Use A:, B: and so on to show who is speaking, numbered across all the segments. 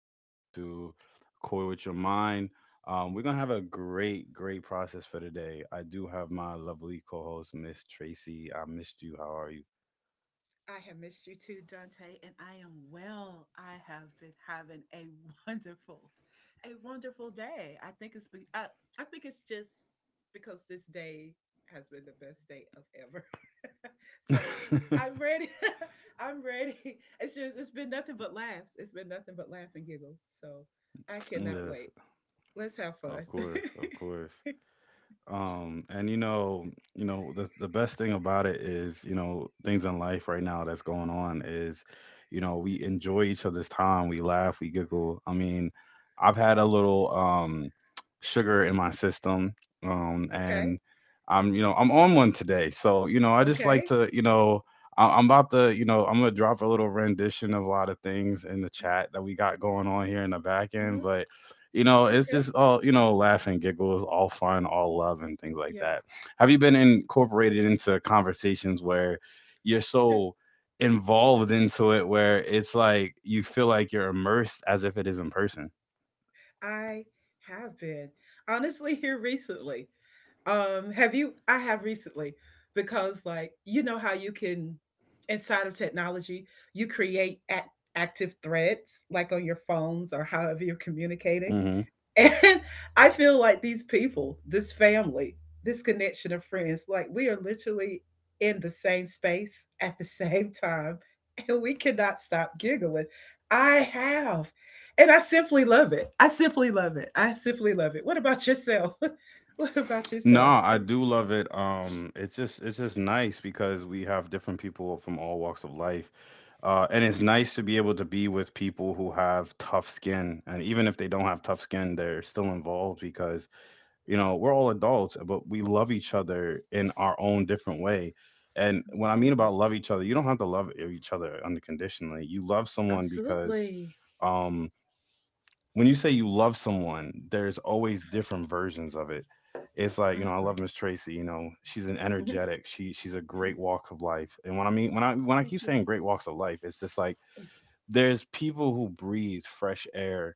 A: would like to coy with your mind. We're going to have a great, great process for today. I do have my lovely co host, Miss Tracy. I missed you. How are you?
B: I have missed you too, Dante, and I am well. I have been having a wonderful, a wonderful day. I think it's just because this day has been the best day of ever. So I'm ready. I'm ready. It's just it's been nothing but laughs. It's been nothing but laugh and giggles. So I cannot
A: Yes,
B: wait. Let's have
A: of
B: fun.
A: course, of course. And the best thing about it is, things in life right now that's going on is, we enjoy each other's time, we laugh, we giggle. I mean, I've had a little sugar in my system,
B: Okay.
A: and I'm, I'm on one today. So, I just like
B: Okay.
A: to, I'm about to, I'm gonna drop a little rendition of a lot of things in the chat that we got going on here in the back end,
B: Mhm.
A: but you know, it's
B: Okay.
A: just all, laugh and giggles, all fun, all love, and things like
B: Yeah.
A: that. Have you been incorporated into conversations where you're so involved into it where it's like you feel like you're immersed as if it is in person?
B: I have been. Honestly, here recently. Have you? I have recently because like you know how you can inside of technology, you create active threads like on your phones or however you're communicating.
A: Hmm.
B: And I feel like these people, this family, this connection of friends, like we are literally in the same space at the same time, and we cannot stop giggling. I have. And I simply love it. I simply love it. I simply love it. What about yourself? What about
A: No,
B: yourself?
A: I do love it. It's just nice because we have different people from all walks of life. And it's nice to be able to be with people who have tough skin. And even if they don't have tough skin, they're still involved because you know we're all adults but we love each other in our own different way. And when I mean
B: Absolutely.
A: about love each other, you don't have to love each other unconditionally. You love someone because
B: Absolutely.
A: um when you say you love someone, there's always
B: I
A: different versions of it. It's like, you
B: I
A: know, I love
B: agree.
A: Miss Tracy. You know, she's an
B: Mhm.
A: energetic, she's a great walk of life. And when I mean, when I
B: Thank
A: keep
B: you.
A: saying great walks of life, it's just like there's people who breathe fresh air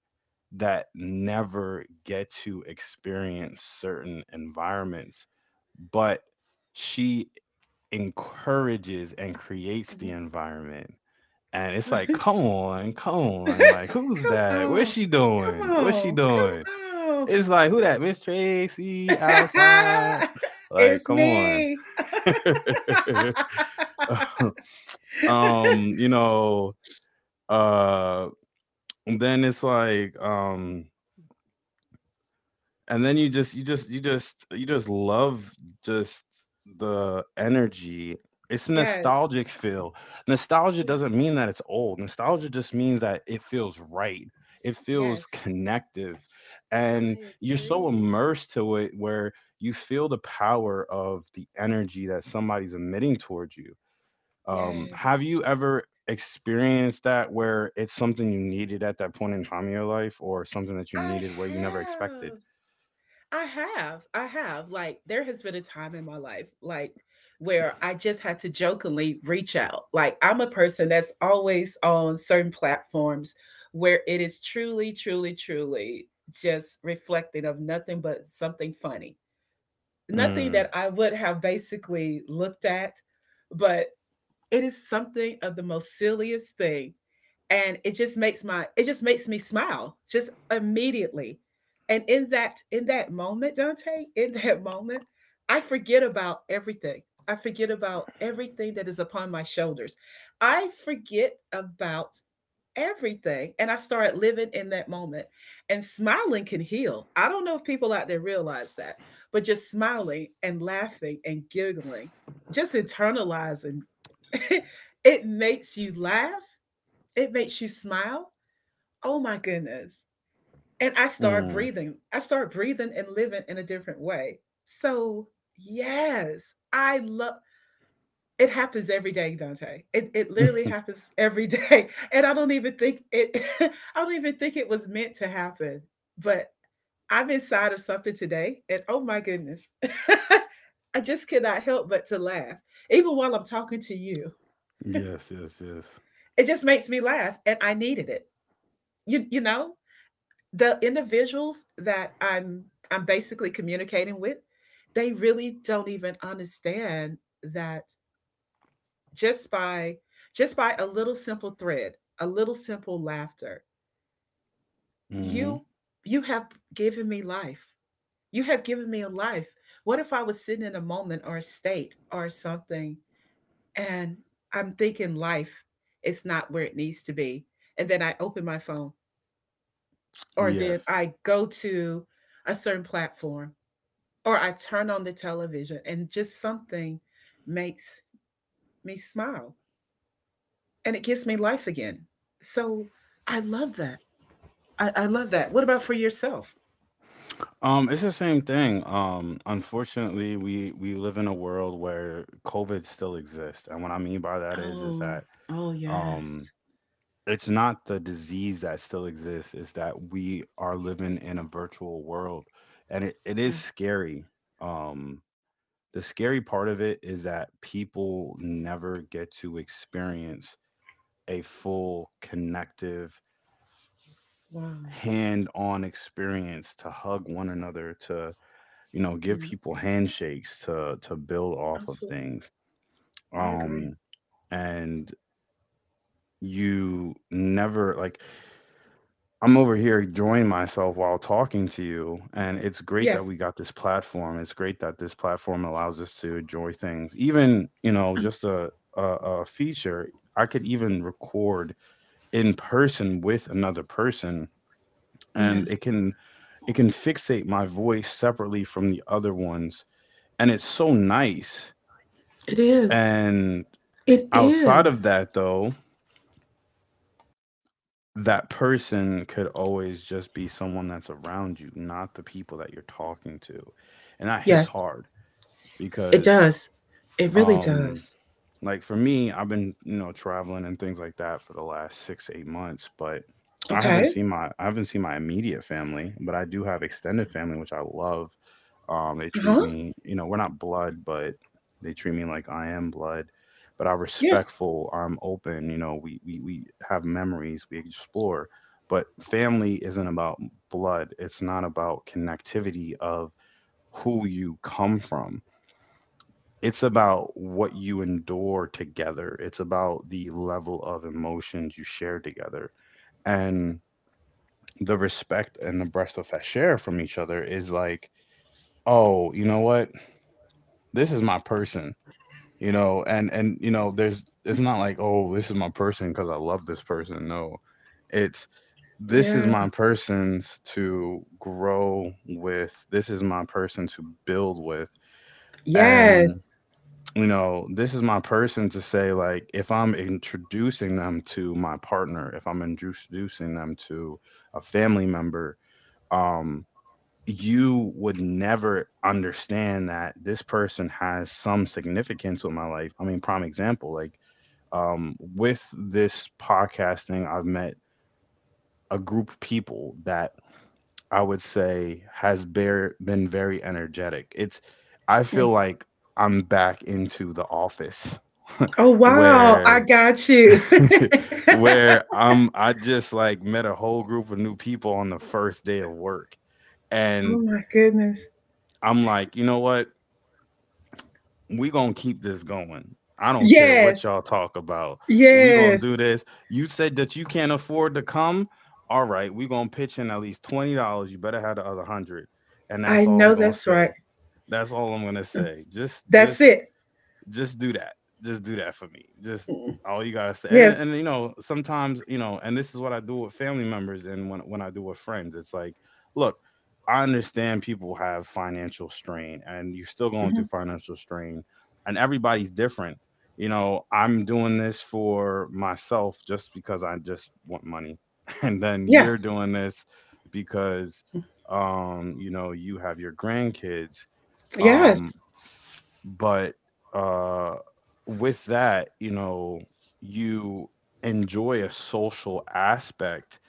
A: that never get to experience certain environments, but she encourages and creates the environment. And it's
B: Yeah.
A: like,
B: Mhm.
A: come on, come on. Like, who's
B: Come
A: that? What's
B: on.
A: she doing?
B: Come
A: What's she
B: on.
A: doing?
B: Come on.
A: It's like, who that? Miss Tracy outside. Like,
B: It's
A: come on.
B: me.
A: um, you know, uh then it's like, and then you just love just the energy. It's a
B: Yes.
A: nostalgic feel. Nostalgia
B: Yeah.
A: doesn't mean that it's old. Nostalgia just means that it feels right. It feels
B: Yes.
A: connective, and
B: I
A: you're so
B: agree.
A: immersed to it where you feel the power of the energy that somebody's emitting towards you. um,
B: Yes.
A: have you ever experienced that where it's something you needed at that point in time in your life or something that you
B: I
A: needed where you never expected?
B: have. I have. I have. Like, there has been a time in my life, like, where I just had to jokingly reach out. Like, I'm a person that's always on certain platforms where it is truly, truly, truly just reflecting of nothing but something funny. Nothing
A: Hmm.
B: that I would have basically looked at, but it is something of the most silliest thing. And it just makes me smile just immediately. And in that moment, Dante, in that moment, I forget about everything. I forget about everything that is upon my shoulders. I forget about everything. And I started living in that moment. And smiling can heal. I don't know if people out there realize that, but just smiling and laughing and giggling, just internalizing, it makes you laugh, it makes you smile. Oh my goodness. And I start
A: Mm.
B: breathing. I start breathing and living in a different way. So, yes, I love it happens every day, Dante. It literally
A: Yes,
B: happens every day, and I don't even think it I don't even think it was meant to happen. But I'm inside of something today, and oh my goodness. I just cannot help but to laugh. Even while I'm talking to you,
A: yes, yes.
B: it just makes me laugh and I needed it. You know, the individuals that I'm basically communicating with, they really don't even understand that just by just by a little simple thread, a little simple laughter.
A: Hmm.
B: You you have given me life. You have given me a life. What if I was sitting in a moment or a state or something and I'm thinking life is not where it needs to be and then I open my phone or then
A: Yes.
B: I go to a certain platform or I turn on the television and just something makes me smile and it gives me life again. So I love that. I love that. What about for yourself?
A: It's the same thing. Unfortunately, we live in a world where COVID still exists, and what I mean by that is
B: Oh,
A: that
B: oh
A: um,
B: yes.
A: it's not the disease that still exists; it's that we are living in a virtual world, and it
B: Yeah.
A: is scary. Um, the scary part of it is that people never get to experience a full connective
B: Wow.
A: hand-on experience, to hug one another, to, you know, give
B: Yeah.
A: people handshakes, to build off of
B: Absolutely.
A: things.
B: I agree.
A: Um and You never like, I'm over here enjoying myself while talking to you, and it's great that
B: Yes.
A: we got this platform. It's great that this platform allows us to enjoy things, even, you know, just a a feature. I could even record in person with another person, and
B: Yes.
A: it can, it can fixate my voice separately from the other ones, and it's so nice.
B: It is.
A: And
B: It
A: outside of
B: is.
A: that though, that person could always just be someone that's around you, not the people that you're talking to. And that hits
B: Yes.
A: hard
B: It
A: because
B: does. It really
A: um
B: does.
A: like for me, I've been, you know, traveling and things like that for the last 6-8 months. But
B: Okay.
A: I haven't seen my immediate family, but I do have extended family which I love. They treat
B: Uh-huh.
A: me, you know, we're not blood, but they treat me like I am blood. But I'm
B: Yes.
A: respectful. I'm open. You know, we we have memories. We explore. But family isn't about blood. It's not about connectivity of who you come from. It's about what you endure together. It's about the level of emotions you share together. And the respect and the breath of fresh air from each other is like, oh, you know what? This is my person. You know, and you know, there's, it's not like, oh, this is my person because I love this person. No, it's, this is my
B: Yeah.
A: person's to grow with. This is my person to build with.
B: Yes.
A: And you know, this is my person to say, like, if I'm introducing them to my partner, if I'm introducing them to a family member. um you would never understand that this person has some significance with my life. I mean, prime example, like with this podcasting, I've met a group of people that I would say been very energetic. It's, I
B: Yes.
A: feel like I'm back into the office
B: Oh wow. I
A: where,
B: got you. Oh
A: where I just like met a whole group of new people on the first day of work. And
B: my goodness.
A: I'm like, you know what? We gonna keep this going. I don't care what
B: Yes.
A: y'all talk about. We gonna
B: Yes.
A: do this. You said that you can't afford to come. All right, we gonna pitch in at least $20. You better have the other 100, and
B: I
A: that's all
B: know
A: I'm gonna
B: that's right.
A: say. That's all I'm gonna
B: Mm.
A: say.
B: That's it.
A: Just do that. Just do that for me. Just
B: Mm.
A: all you gotta say. And
B: Yes.
A: and you know, sometimes you know, and this is what I do with family members, and when I do with friends, it's like, look, I understand people have financial strain, and you're still going
B: Mhm.
A: through financial strain, and everybody's different. You know, I'm doing this for myself just because I just want money, and then you're
B: Yes.
A: doing this because, you know, you have your grandkids.
B: Yes.
A: Um, but uh with that, you know, you enjoy a social aspect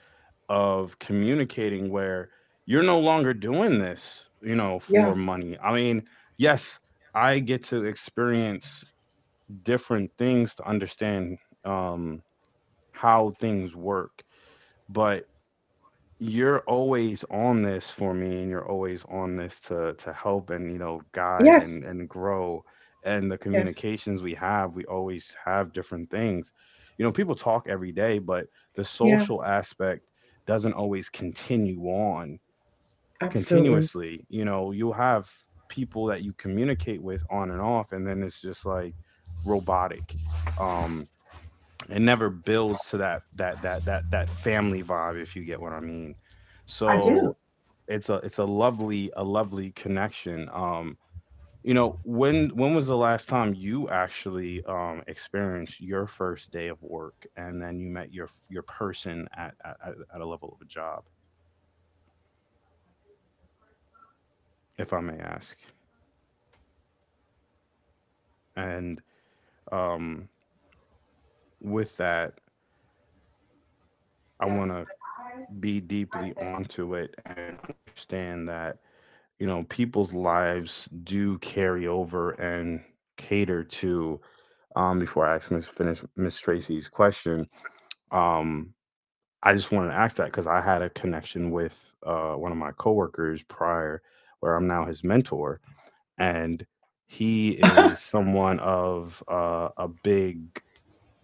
A: of communicating where you're no longer doing this, you know,
B: Yeah.
A: for money. I mean, yes, I get to experience different things to understand um how things work. But you're always on this for me, and you're always on this to, help and, you know, guide
B: Yes.
A: and, grow. And the
B: Yes.
A: communications we have, we always have different things. You know, people talk every day, but the
B: Yeah.
A: social aspect doesn't always continue on
B: Absolutely.
A: continuously. You know, you'll have people that you communicate with on and off, and then it's just like robotic. Um, it never builds to that family vibe, if you get what I mean.
B: I do.
A: So it's a, lovely, a lovely connection. When was the last time you actually, experienced your first day of work and then you met your person at a level of a job, if I may ask. And um with that, I want to be deeply onto it, and understand that, you know, people's lives do carry over and cater to, before I ask Miss, finish Miss Tracy's question. um I just wanted to ask that because I had a connection with one of my coworkers prior, where I'm now his mentor. And he is someone of a big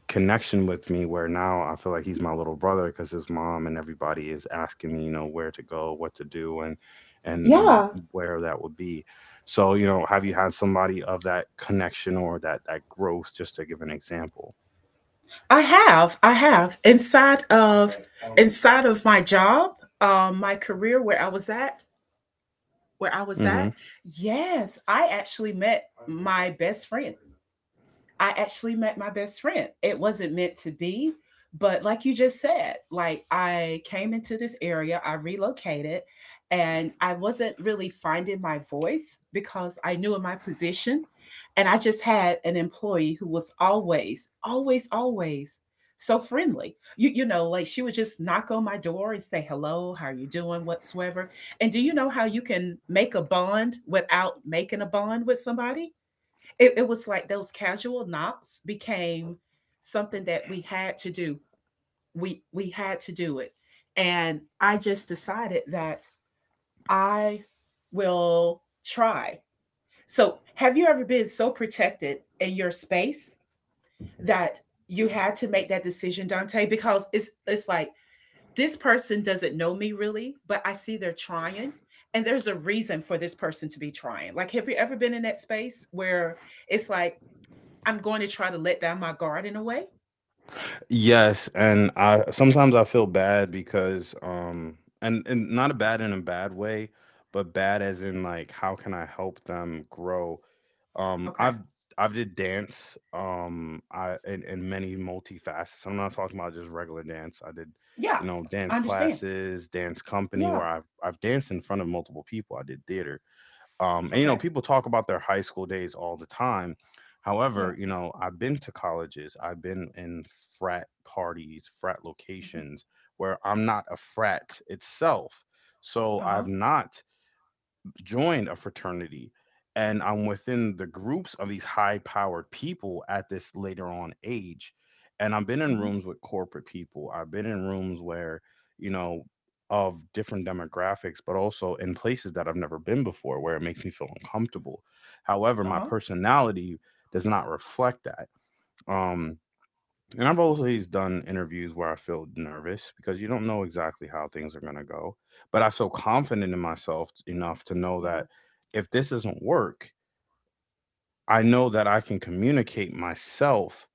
A: connection with me, where now I feel like he's my little brother because his mom and everybody is asking me, you know, where to go, what to do, and and and
B: Yeah.
A: where that would be. So, you know, have you had somebody of that connection or that growth? Just to give an example.
B: I have. I have. Inside of my job, my career where I was at.
A: Hmm.
B: Yes, I actually met my best friend. I actually met my best friend. It wasn't meant to be, but like you just said, like I came into this area, I relocated, and I wasn't really finding my voice because I knew in my position. And I just had an employee who was always, always, always so friendly. You know, like she would just knock on my door and say hello, how are you doing, whatsoever. And do you know how you can make a bond without making a bond with somebody? It was like those casual knocks became something that we had to do. We had to do it, and I just decided that I will try. So have you ever been so protected in your space that you had to make that decision, Dante, because it's like this person doesn't know me really, but I see they're trying, and there's a reason for this person to be trying. Like, have you ever been in that space where it's like I'm going to try to let down my guard in a way?
A: Yes, and I sometimes I feel bad because and not a bad in a bad way, but bad as in like, how can I help them grow? Um,
B: Okay.
A: I've I've did dance. I and many multifacets. I'm not talking about just regular dance. I did,
B: Yeah,
A: you know, dance
B: I understand.
A: classes, dance company,
B: Yeah.
A: where I've danced in front of multiple people. I did theater. And You know,
B: Okay.
A: people talk about their high school days all the time.
B: Yeah.
A: However, you know, I've been to colleges. I've been in frat parties, frat locations where I'm not a frat itself. So
B: Uh
A: I've
B: huh.
A: not joined a fraternity, and I'm within the groups of these high powered people at this later on age. And I've been in
B: Mm-hmm.
A: rooms with corporate people. I've been in rooms where, you know, of different demographics, but also in places that I've never been before, where it makes me feel uncomfortable.
B: Uh
A: However, my
B: huh.
A: personality does not reflect that. Um, and I've always done interviews where I feel nervous because you don't know exactly how things are going to go. But I feel confident in myself enough to know
B: Yeah.
A: that if this doesn't work, I know that I can communicate myself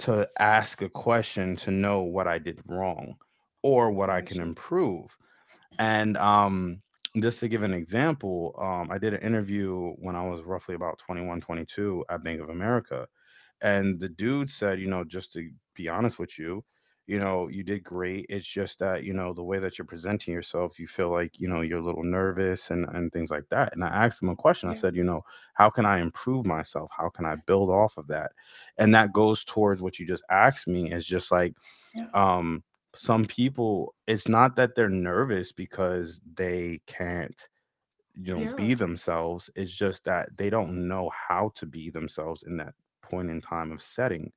A: to ask a question to know what I did wrong or what
B: I
A: I
B: got
A: can
B: you.
A: improve. And just to give an example, I did an interview when I was roughly about 21, 22 at Bank of America, and the dude said, you know, just to be honest with you, you know, you did great. It's just that, you know, the way that you're presenting yourself, you feel like, you know, you're a little nervous and, things like that. And I asked him a question. I
B: Yeah.
A: said, you know, how can I improve myself? How can I build off of that? And that goes towards what you just asked me is just like,
B: Yeah.
A: um, some people, it's not that they're nervous because they can't you know
B: Yeah.
A: be themselves. It's just that they don't know how to be themselves in that point in time of setting.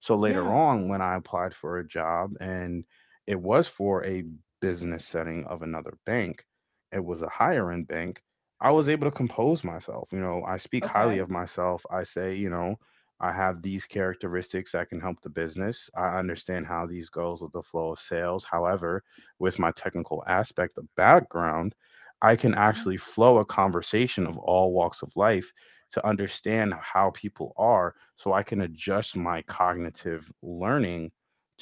A: So later
B: Yeah.
A: on, when I applied for a job and it was for a business setting of another bank, it was a higher end bank, I was able to compose myself. You know, I speak highly
B: Okay.
A: of myself. I say, you know, I have these characteristics that can help the business. I understand how these goes with the flow of sales. However, with my technical aspect of background, I can
B: Mm-hmm.
A: actually flow a conversation of all walks of life to understand how people are so I can adjust my cognitive learning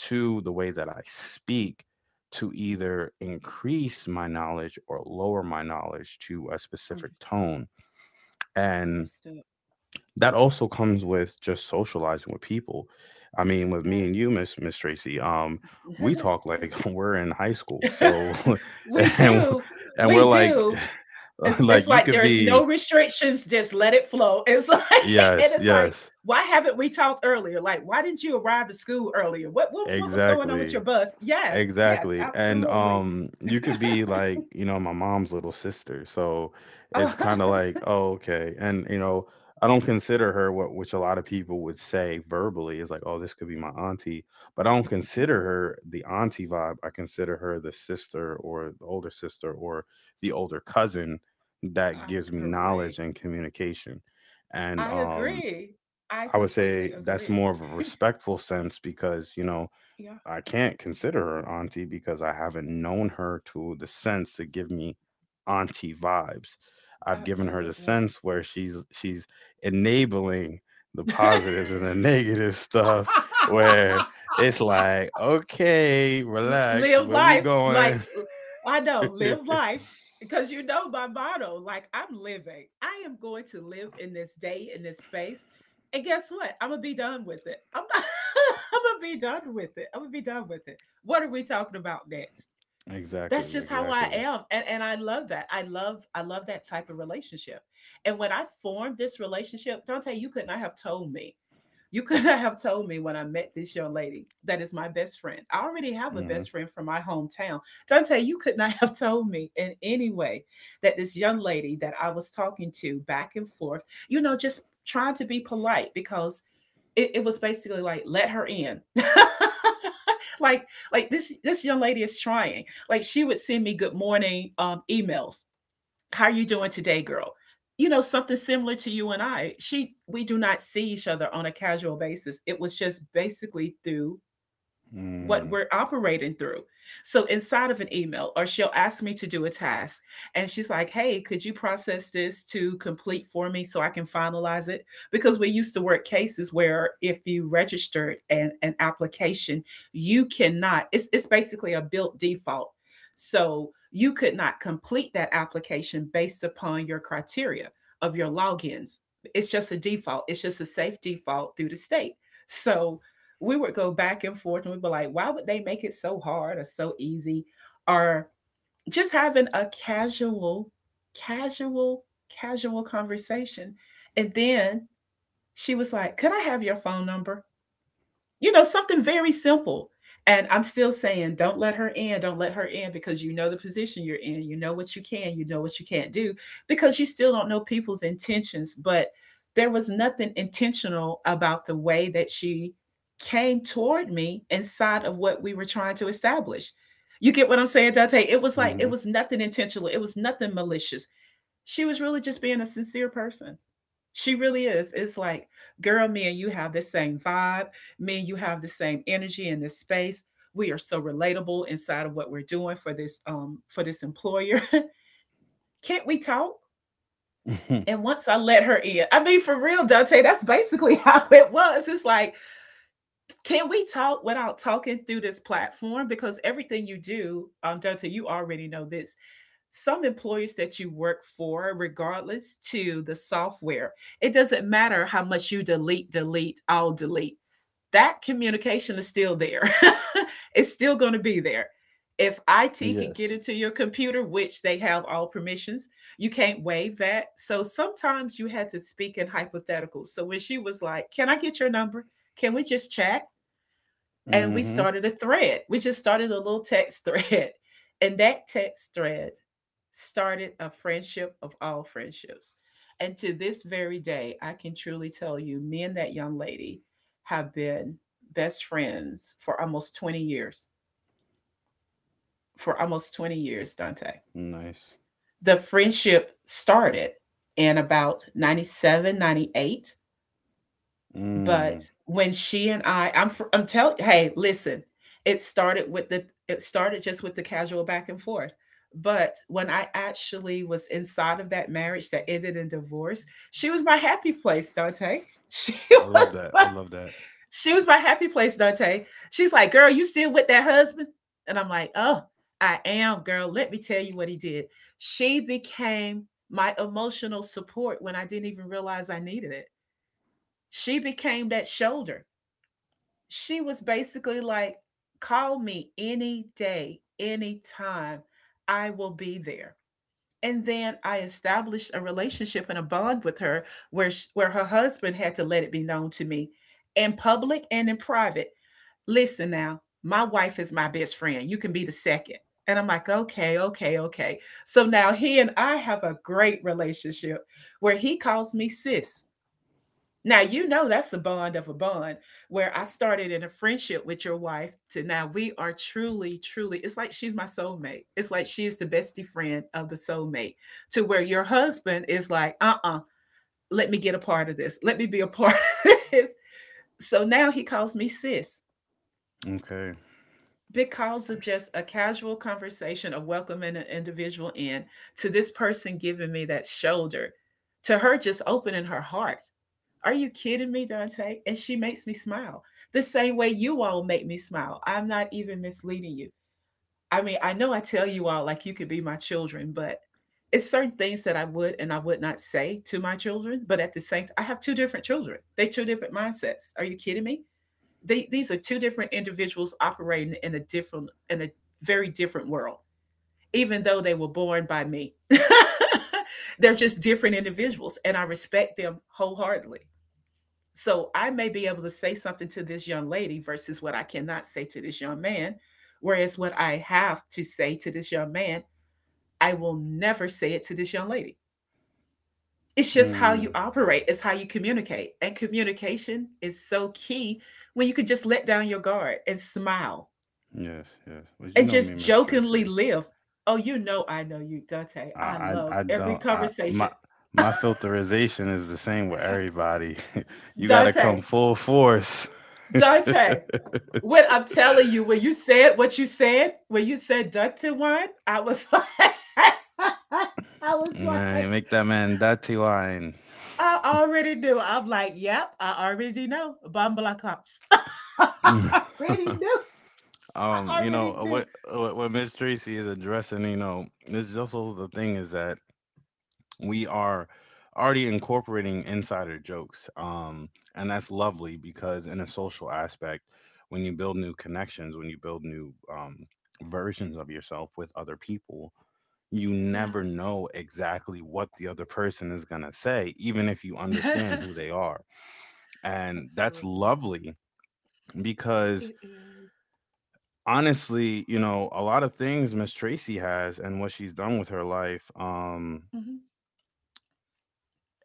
A: to the way that I speak to either increase my knowledge or lower my knowledge to a specific
B: Understood.
A: tone. And
B: Understood.
A: that also comes with just socializing with people. I mean, with me and you, Miss Tracy, we
B: Yes.
A: talk like we're in high school. So
B: We
A: and
B: do.
A: and we're
B: We
A: like
B: do. It's
A: like
B: it's
A: you
B: like
A: could
B: there's no
A: be
B: restrictions, just let it flow. It's like and
A: yes,
B: it's like,
A: yes,
B: why haven't we talked earlier? Like, why didn't you arrive at school earlier? What was going on with your
A: exactly.
B: bus? Yes, yes,
A: Exactly. And
B: absolutely.
A: you could be like, you know, my mom's little sister. So
B: Uh,
A: it's kind of like, oh, okay. And you know, I don't consider her what which a lot of people would say verbally is like, oh, this could be my auntie. But I don't
B: no,
A: consider her the auntie vibe. I consider her the sister or the older sister or the older cousin that
B: I
A: gives me
B: agree.
A: knowledge and communication. And
B: I agree. I
A: I would
B: completely
A: say that's
B: agree.
A: more of a respectful sense because, you know,
B: Yeah,
A: I can't consider her an auntie because I haven't known her to the sense to give me auntie vibes. I've given her the
B: absolutely.
A: sense where she's enabling the positives and the negative stuff where it's like, okay,
B: L-
A: relax,
B: live
A: where we
B: life like
A: going?
B: I know, live life because you know my motto like I'm living. I am going to live in this day in this space. And guess what? I'm going to be done with it. I'm not I'm going to be done with it. I'm going to be done with it. What are we talking about next?
A: exactly,
B: That's just how I
A: exactly.
B: am, and I love that. I love that type of relationship. And when I formed this relationship, Dante, you could not have told me you could not have told me when I met this young lady that is my best friend. I already have a
A: Hmm.
B: best friend from my hometown. Dante, you could not have told me in any way that this young lady that I was talking to back and forth, just trying to be polite because it was basically like, let her in. like like, this young lady is trying. Like, she would send me good morning emails. How are you doing today, girl? You know, something similar to you and I. She we do not see each other on a casual basis. It was just basically through what
A: Mm.
B: we're operating through. So inside of an email, or she'll ask me to do a task, and she's like, "Hey, could you process this to complete for me so I can finalize it?" Because we used to work cases where if you registered an application, you cannot. It's basically a built default, so you could not complete that application based upon your criteria of your logins. It's just a default. It's just a safe default through the state. So we would go back and forth and we'd be like, why would they make it so hard or so easy? Or just having a casual, casual, casual conversation. And then she was like, could I have your phone number? You know, something very simple. And I'm still saying, don't let her in, don't let her in, because you know the position you're in, you know what you can, you know what you can't do, because you still don't know people's intentions. But there was nothing intentional about the way that she came toward me inside of what we were trying to establish. You get what I'm saying, Dante? It was like, it
A: Hmm.
B: was nothing intentional, it was nothing malicious. She was really just being a sincere person. She really is. It's like, girl, me and you have the same vibe. Me and you have the same energy in this space. We are so relatable inside of what we're doing for this employer. Can't we talk? And once I let her in, I mean, for real, Dante, that's basically how it was. It's like, can we talk without talking through this platform? Because everything you do, Dante, you already know this. Some employers that you work for, regardless to the software, it doesn't matter how much you delete, delete, I'll delete. That communication is still there. It's still going to be there. If IT can get
A: Yes.
B: into your computer, which they have all permissions, you can't waive that. So sometimes you had to speak in hypotheticals. So when she was like, can I get your number? Can we just chat? And we
A: Hmm.
B: started a thread. We just started a little text thread. And that text thread started a friendship of all friendships. And to this very day, I can truly tell you, me and that young lady have been best friends for almost 20 years. For almost 20 years, Dante.
A: Nice.
B: The friendship started in about 97, 98. But
A: Mm.
B: when she and I'm telling, hey, listen. It started with the it started just with the casual back and forth. But when I actually was inside of that marriage that ended in divorce, she was my happy place, Dante. She
A: I
B: was
A: love that.
B: my,
A: I love that.
B: she was my happy place, Dante. She's like, "Girl, you still with that husband?" And I'm like, "Oh, I am, girl. Let me tell you what he did." She became my emotional support when I didn't even realize I needed it. She became that shoulder. She was basically like, call me any day, any time. I will be there. And then I established a relationship and a bond with her where sh where her husband had to let it be known to me in public and in private. Listen now, my wife is my best friend. You can be the second. And I'm like, okay, okay, okay. So now he and I have a great relationship where he calls me sis. Now, you know, that's a bond of a bond where I started in a friendship with your wife to now we are truly, truly, it's like she's my soulmate. It's like she is the bestie friend of the soulmate, to where your husband is like, let me get a part of this. Let me be a part of this. So now he calls me sis
A: Okay.
B: because of just a casual conversation of welcoming an individual in, to this person giving me that shoulder, to her just opening her heart. Are you kidding me, Dante? And she makes me smile the same way you all make me smile. I'm not even misleading you. I mean, I know I tell you all like you could be my children, but it's certain things that I would and I would not say to my children. But at the same time, I have two different children. They two different mindsets. Are you kidding me? They, these are two different individuals operating in a very different world, even though they were born by me. They're just different individuals, and I respect them wholeheartedly. So I may be able to say something to this young lady versus what I cannot say to this young man. Whereas what I have to say to this young man, I will never say it to this young lady. It's just how you
A: Mm.
B: operate, it's how you communicate. And communication is so key when you can just let down your guard and smile
A: Yes, yes. But you
B: and
A: know me,
B: just
A: Miss
B: jokingly
A: Tracy.
B: live. Oh, you know, I know you, Dante.
A: I,
B: I
A: I,
B: love
A: I
B: every
A: don't. I
B: conversation.
A: my my filterization is the same with everybody. You gotta
B: Dante,
A: come full force,
B: Dante. When I'm telling you, when you said what you said, when you said ducted wine, I was like, I was
A: man.
B: like,
A: Make that man dirty wine.
B: I already knew. I'm like, yep, I already know. Bambala cops. I already knew. I
A: You
B: already
A: know
B: knew.
A: what Miss Tracy is addressing. You know, this is also the thing is that we are already incorporating insider jokes, and that's lovely because in a social aspect when you build new connections, when you build new versions of yourself with other people, you
B: Yeah.
A: never know exactly what the other person is going to say, even if you understand who they are. And that's
B: Absolutely.
A: lovely because
B: It is.
A: honestly, you know, a lot of things Miss Tracy has and what she's done with her life,
B: Mhm.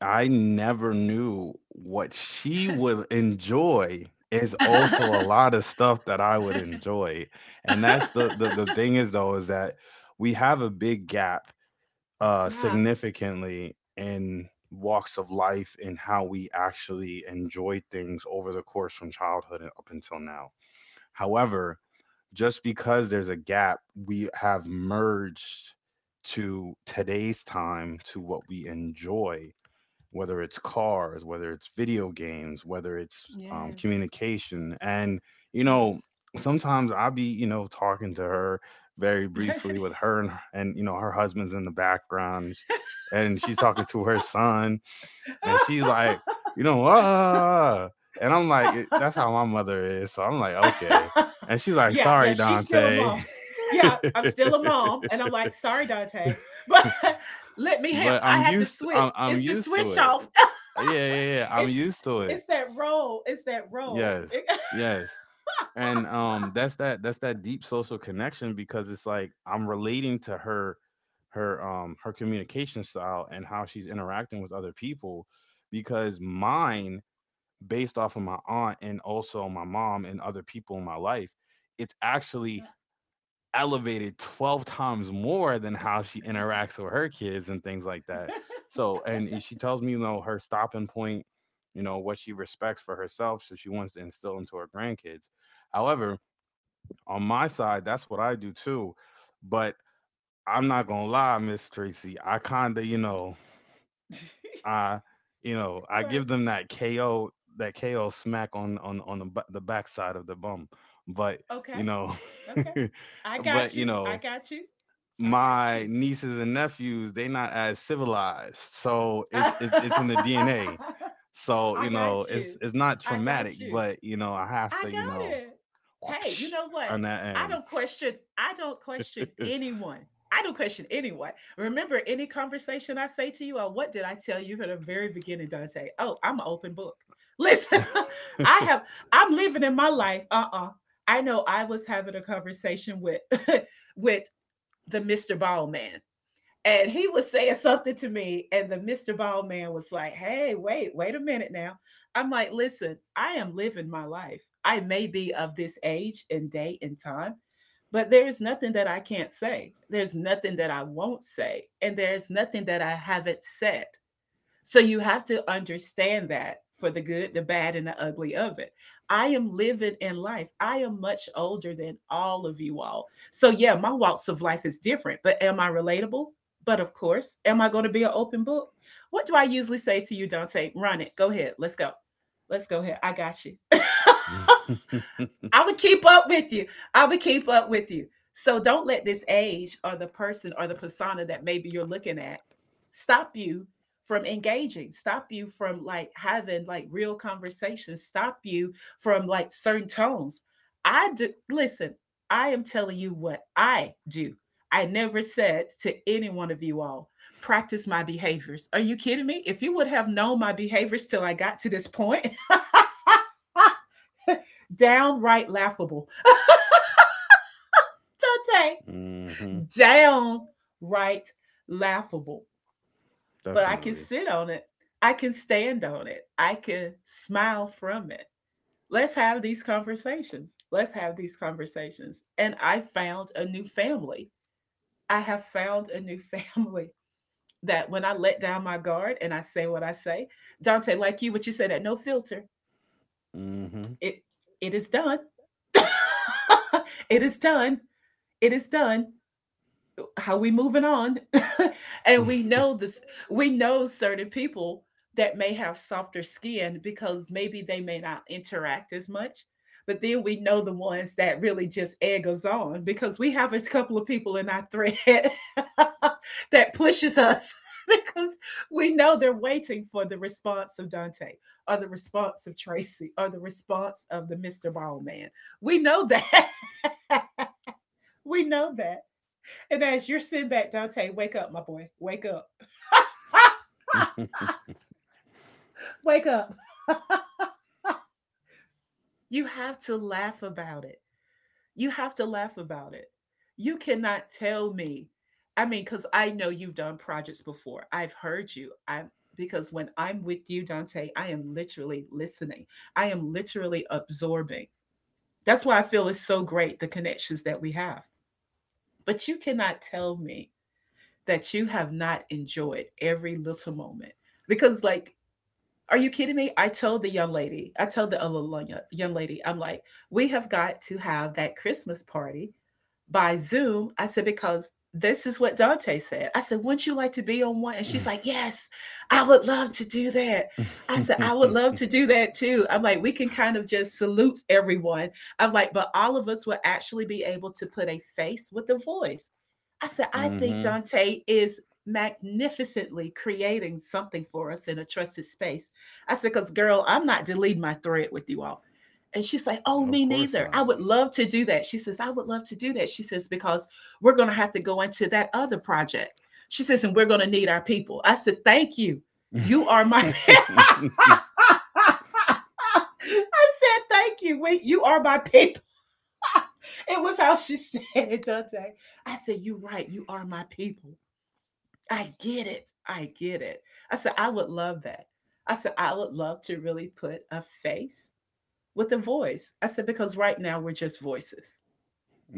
A: I never knew what she would enjoy is also a lot of stuff that I would enjoy. And that's the thing is though is that we have a big gap
B: Yeah.
A: significantly in walks of life and how we actually enjoy things over the course from childhood and up until now. However, just because there's a gap, we have merged to today's time to what we enjoy, whether it's cars, whether it's video games, whether it's
B: Yes.
A: communication. And, you know, sometimes I'll be, you know, talking to her very briefly with her, and you know, her husband's in the background and she's talking to her son, and she's like,
B: Yes.
A: you know, "Ah. Ah, ah." And I'm like, that's how my mother is. So I'm like, okay. And she's like,
B: Yeah, yeah,
A: sorry,
B: she's still a
A: Dante.
B: mom. Yeah, I'm still a mom, and I'm like, "Sorry, Dante, but let me help.
A: But
B: I had to switch.
A: I'm
B: It's the
A: used to
B: switch
A: it.
B: off.
A: Yeah, yeah, yeah. I'm
B: it's
A: used to it.
B: it's that role. It's that role."
A: Yes, yes. And that's that deep social connection because it's like I'm relating to her, her her communication style and how she's interacting with other people, because mine, based off of my aunt and also my mom and other people in my life, it's actually elevated 12 times more than how she interacts with her kids and things like that. So, and she tells me, you know, her stopping point, you know, what she respects for herself, so she wants to instill into her grandkids. However, on my side, that's what I do too. But I'm not gonna lie, Miss Tracy, I kinda,
B: Yeah.
A: I, you know, I
B: What?
A: give them that KO, that KO smack on the, the backside of the bum. But
B: Okay,
A: you know,
B: okay. I
A: but
B: got
A: you
B: you. I
A: know,
B: got you. I got
A: my
B: you.
A: nieces and nephews they not as civilized, so it's it's in the
B: I
A: DNA. So you know
B: got you.
A: it's not
B: I
A: traumatic,
B: got you.
A: but you know I have
B: I
A: to, you
B: got
A: know,
B: it. Hey, you
A: whoopsh,
B: know what?
A: on that end.
B: I don't question anyone. I don't question anyone. Remember any conversation I say to you, or what did I tell you from the very beginning, Dante? Oh, I'm an open book. Listen, I have I'm living in my life. Uh-uh. I know I was having a conversation with with the Mr. Ball man, and he was saying something to me, and the Mr. Bald man was like, hey, wait a minute now. I'm like, listen, I am living my life. I may be of this age and day and time, but there is nothing that I can't say, there's nothing that I won't say, and there's nothing that I haven't said. So you have to understand that, for the good, the bad, and the ugly of it. I am living in life. I am much older than all of you all. So yeah, my walks of life is different, but am I relatable? But of course, am I going to be an open book? What do I usually say to you, Dante? Run it. Go ahead. Let's go. Let's go ahead. I got you. I would keep up with you. I would keep up with you. So don't let this age or the person or the persona that maybe you're looking at stop you from engaging, stop you from like having like real conversations, stop you from like certain tones. I do listen, I am telling you what I do. I never said to any one of you all, practice my behaviors. Are you kidding me? If you would have known my behaviors till I got to this point, downright laughable. Tate.
A: Hmm.
B: Downright laughable. But I can
A: Definitely.
B: sit on it. I can stand on it. I can smile from it. Let's have these conversations. Let's have these conversations. And I found a new family. I have found a new family that when I let down my guard and I say what I say, Dante, like you, what you said at no filter,
A: Hmm.
B: it it is done. It is done. It is done. How we moving on. And we know this, we know certain people that may have softer skin because maybe they may not interact as much, but then we know the ones that really just egg us on, because we have a couple of people in our thread that pushes us because we know they're waiting for the response of Dante, or the response of Tracy, or the response of the Mr. Ballman. We know that. We know that. And as you're sitting back, Dante, wake up, my boy. Wake up. Wake up. You have to laugh about it. You have to laugh about it. You cannot tell me. I mean, because I know you've done projects before. I've heard you. I'm because when I'm with you, Dante, I am literally listening. I am literally absorbing. That's why I feel it's so great the connections that we have. But you cannot tell me that you have not enjoyed every little moment, because like, are you kidding me? I told the young lady, I told the other young lady, I'm like, we have got to have that Christmas party by Zoom. I said, because this is what Dante said. I said, wouldn't you like to be on one? And she's like, yes, I would love to do that. I said, I would love to do that too. I'm like, we can kind of just salute everyone. I'm like, but all of us will actually be able to put a face with a voice. I said, I think
A: Hmm.
B: Dante is magnificently creating something for us in a trusted space. I said, because girl, I'm not deleting my thread with you all. And she's like, "Oh,
A: Of
B: me
A: course
B: neither. I
A: not.
B: would love to do that." She says, "I would love to do that." She says, "Because we're going to have to go into that other project." She says, "And we're going to need our people." I said, "Thank you. You are my." I said, "Thank you. You are my people." It was how she said it, Dante. I said, "You're right. You are my people. I get it. I get it." I said, "I would love that." I said, "I would love to really put a face with a voice." I said, "Because right now we're just voices.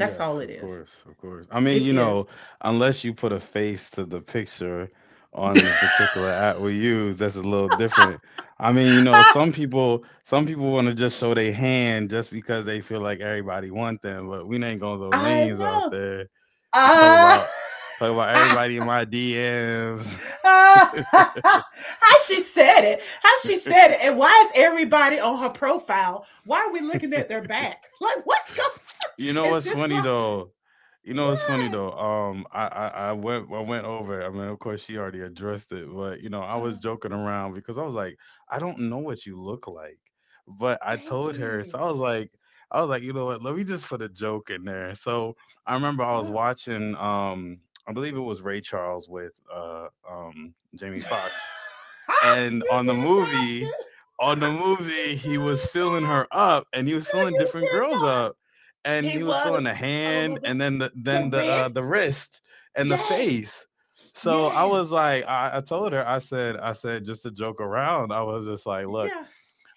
B: That's all it
A: of
B: is."
A: course, of course. I mean,
B: It
A: you
B: is.
A: know, unless you put a face to the picture on the particular app we use, that's a little different. I mean, you know, some people want to just show their hand just because they feel like everybody want them, but we ain't gonna throw
B: I
A: names out
B: know.
A: there. You talk
B: Uh,
A: about everybody in my DMs.
B: how she said it. How she said it. And why is everybody on her profile? Why are we looking at their back? Like, what's going on?
A: You know
B: It's
A: what's
B: just
A: funny
B: like,
A: though? You know what's funny
B: what?
A: though? I went over. It. I mean, of course, she already addressed it, but you know, I was
B: Uh,
A: joking around because I was like, I don't know what you look like, but I
B: thank
A: told her,
B: you.
A: so I was like, you know what? Let me just put a joke in there. So I remember I was
B: You
A: watching, I believe it was Ray Charles with Jamie
B: did not
A: Foxx, and on the
B: do.
A: movie,
B: You
A: he was
B: did
A: filling her up, and he was
B: not. No,
A: filling
B: you
A: different
B: did
A: girls
B: not.
A: up, and
B: He
A: he was
B: was.
A: filling the
B: Oh my
A: hand,
B: god.
A: and then
B: The wrist?
A: the wrist and the
B: Yes.
A: face. So I
B: Yes.
A: was like, I told her, I said, just to joke around. I was just like, look,
B: Yeah.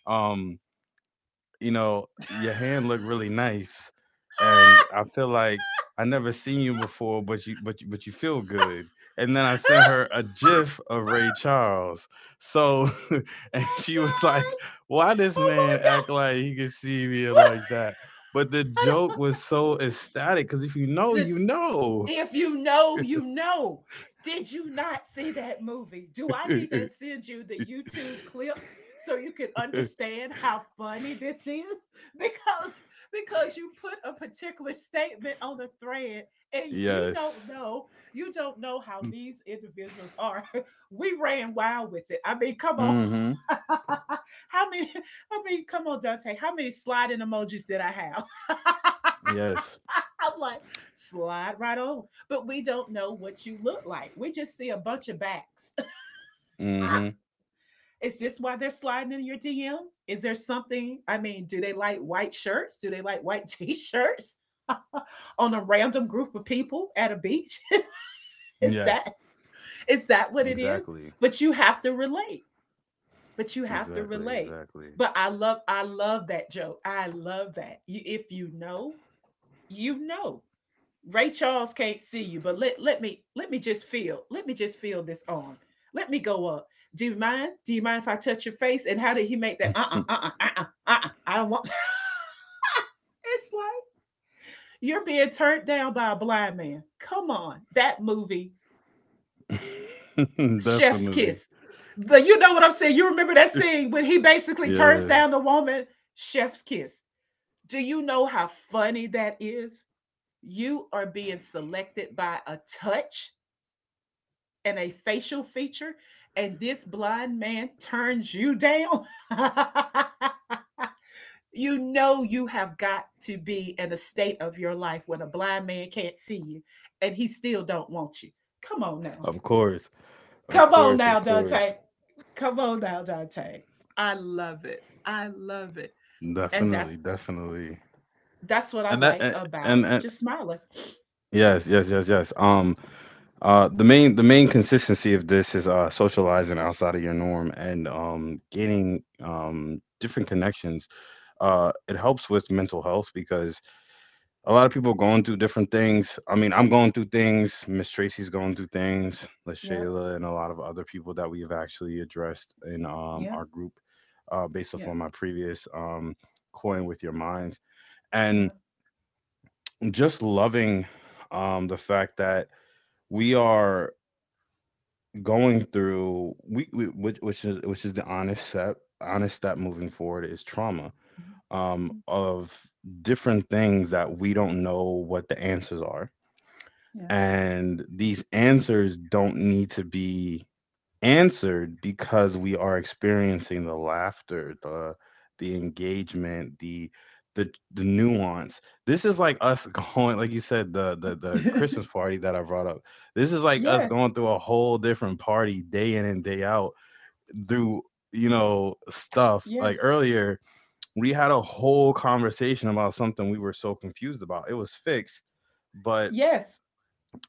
A: um, you know, your hand looked really nice, and
B: Oh
A: I feel like I never seen you before, but but you feel good. And then I sent her a GIF of Ray Charles. So, and
B: my
A: she was like,
B: god.
A: "Why this
B: Oh my
A: man act like he could see me like that?" But the
B: god.
A: joke was so ecstatic because if you know,
B: The
A: you know.
B: If you know, you know. Did you not see that movie? Do I need to send you the YouTube clip so you can understand how funny this is? Because because you put a particular statement on the thread and
A: Yes.
B: you don't know how these individuals are. We ran wild with it. I mean, come on.
A: Mm-hmm.
B: how many I mean, come on, Dante. How many sliding emojis did I have?
A: Yes.
B: I'm like, slide right on. But we don't know what you look like. We just see a bunch of backs.
A: Mm-hmm.
B: Is this why they're sliding in your DM? Is there something? I mean, do they like white shirts? Do they like white t-shirts on a random group of people at a beach? is
A: Yes.
B: that is that what it is?
A: Exactly.
B: But you have to relate. But you have to
A: Exactly.
B: relate.
A: Exactly.
B: But I love that joke. I love that. You, if you know, you know. Ray Charles can't see you, but let me just feel. Let me just feel this arm. Let me go up. Do you mind? Do you mind if I touch your face? And how did he make that? I don't want. It's like you're being turned down by a blind man. Come on, that movie, Chef's
A: Definitely.
B: Kiss. You know what I'm saying? You remember that scene when he basically turns
A: Yeah.
B: down the woman? Chef's Kiss. Do you know how funny that is? You are being selected by a touch and a facial feature, and this blind man turns you down. You know you have got to be in a state of your life when a blind man can't see you and he still don't want you. Come on now.
A: Of course. Of
B: Come on
A: course. Of
B: now,
A: course.
B: Dante. Come on now, Dante. I love it. I love it. And
A: Definitely.
B: that's
A: Definitely.
B: what I
A: And
B: like about
A: and, and
B: just smiling.
A: yes, yes, yes, yes. The main consistency of this is socializing outside of your norm and gaining different connections. It helps with mental health because a lot of people going through different things. I mean, I'm going through things. Miss Tracy's going through things.
B: Yeah,
A: LaShayla and a lot of other people that we have actually addressed in
B: yeah,
A: our group, based off
B: yeah,
A: on my previous coin with your minds, and
B: yeah,
A: just loving the fact that we are going through we which is the honest step moving forward is trauma, of different things that we don't know what the answers are, and these answers don't need to be answered because we are experiencing the laughter, the engagement, the nuance. This is like us going, like you said, the the
B: yeah.
A: Christmas party that I brought up. This is like us
B: Yes,
A: going through a whole different party day in and day out through, you know, stuff
B: yes,
A: like earlier we had a whole conversation about something we were so confused about. It was fixed, but
B: yes.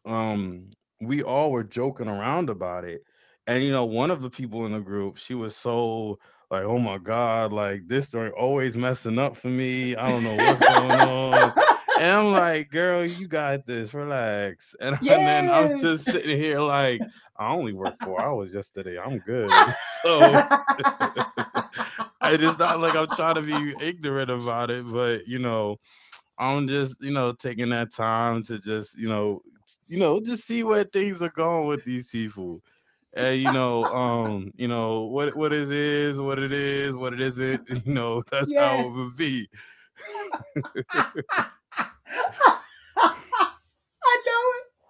A: um we all were joking around about it. And you know, one of the people in the group, she was so like, oh my god, like this story always messing up for me, I don't know what's going on. And I'm like, girl, you got this, relax. And then I'm just
B: Yes.
A: sitting here like, I only worked 4 hours yesterday, I'm good. So
B: Yeah.
A: it's not like I'm trying to be ignorant about it, but you know, I'm just, you know, taking that time to just, you know, you know, just see where things are going with these people. And you know, you know, what it is, what it is, what it isn't. You know, that's how it would be.
B: I know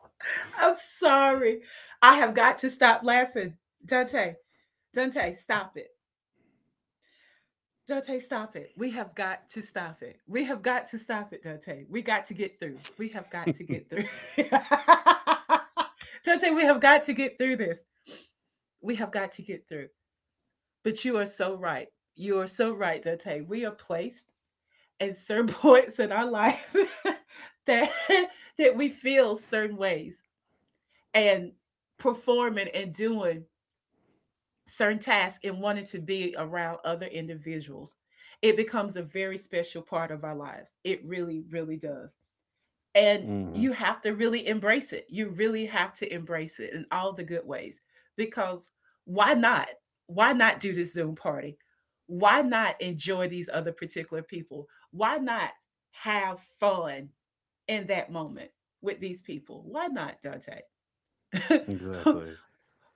B: it. I'm sorry. I have got to stop laughing. Dante, Dante, stop it. Dante, stop it. We have got to stop it. We have got to stop it, Dante. We got to get through. We have got to get through. Dante, we have got to get through this. We have got to get through. But you are so right. You are so right, Dante. We are placed at certain points in our life that that we feel certain ways and performing and doing certain tasks and wanting to be around other individuals. It becomes a very special part of our lives. It really really does. And
A: hmm
B: you have to really embrace it. You really have to embrace it in all the good ways, because why not? Why not do this Zoom party? Why not enjoy these other particular people? Why not have fun in that moment with these people? Why not, Dante?
A: exactly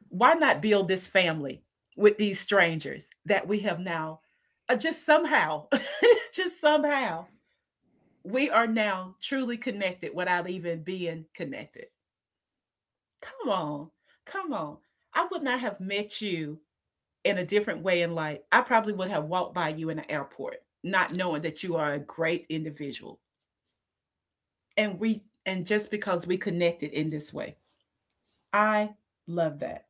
B: Why not build this family with these strangers that we have now, just somehow, just somehow we are now truly connected without even being connected. Come on. Come on. I would not have met you in a different way in life. I probably would have walked by you in the airport, not knowing that you are a great individual. And just because we connected in this way. I love that.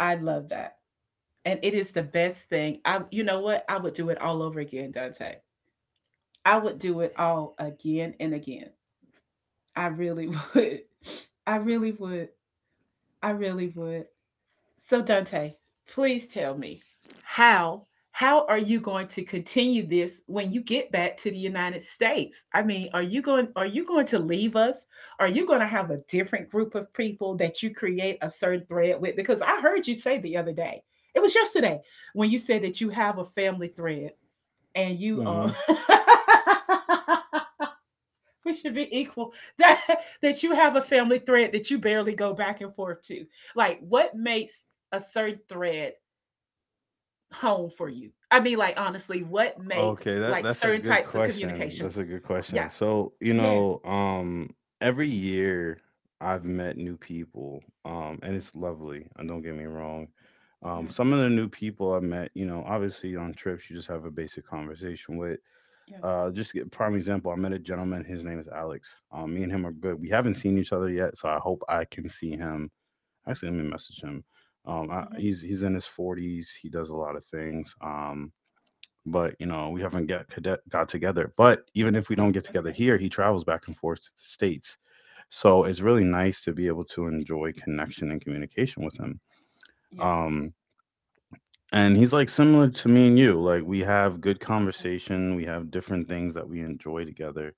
B: I love that. And it is the best thing. I You know what? I would do it all over again, Dante. I would do it all again and again. I really would. I really would. I really would. So, Dante, please tell me how are you going to continue this when you get back to the United States? I mean, are you going to leave us? Are you going to have a different group of people that you create a certain thread with? Because I heard you say the other day, it was yesterday, when you said that you have a family thread and you
A: hmm
B: we should be equal that that you have a family thread that you barely go back and forth to. Like what makes a certain thread home for you? I mean, like, honestly, what makes
A: Okay, that
B: like
A: that's a
B: certain
A: good
B: types of
A: question.
B: communication?
A: That's a good
B: Yeah,
A: question. So, you
B: yes,
A: know, every year I've met new people. And it's lovely. And don't get me wrong.
B: yeah,
A: Some of the new people I met, you know, obviously on trips you just have a basic conversation with.
B: yeah,
A: Just to get prime example, I met a gentleman, his name is Alex. Me and him are good. We haven't seen each other yet, so I hope I can see him. Actually, let me message him.
B: mm-hmm.
A: He's in his 40s. He does a lot of things. But you know, we haven't got together. But even if we don't get together
B: Okay.
A: here, he travels back and forth to the states, so it's really nice to be able to enjoy connection and communication with him.
B: Yes.
A: um and he's like similar to me and you, like we have good
B: Okay.
A: conversation, we have different things that we enjoy together.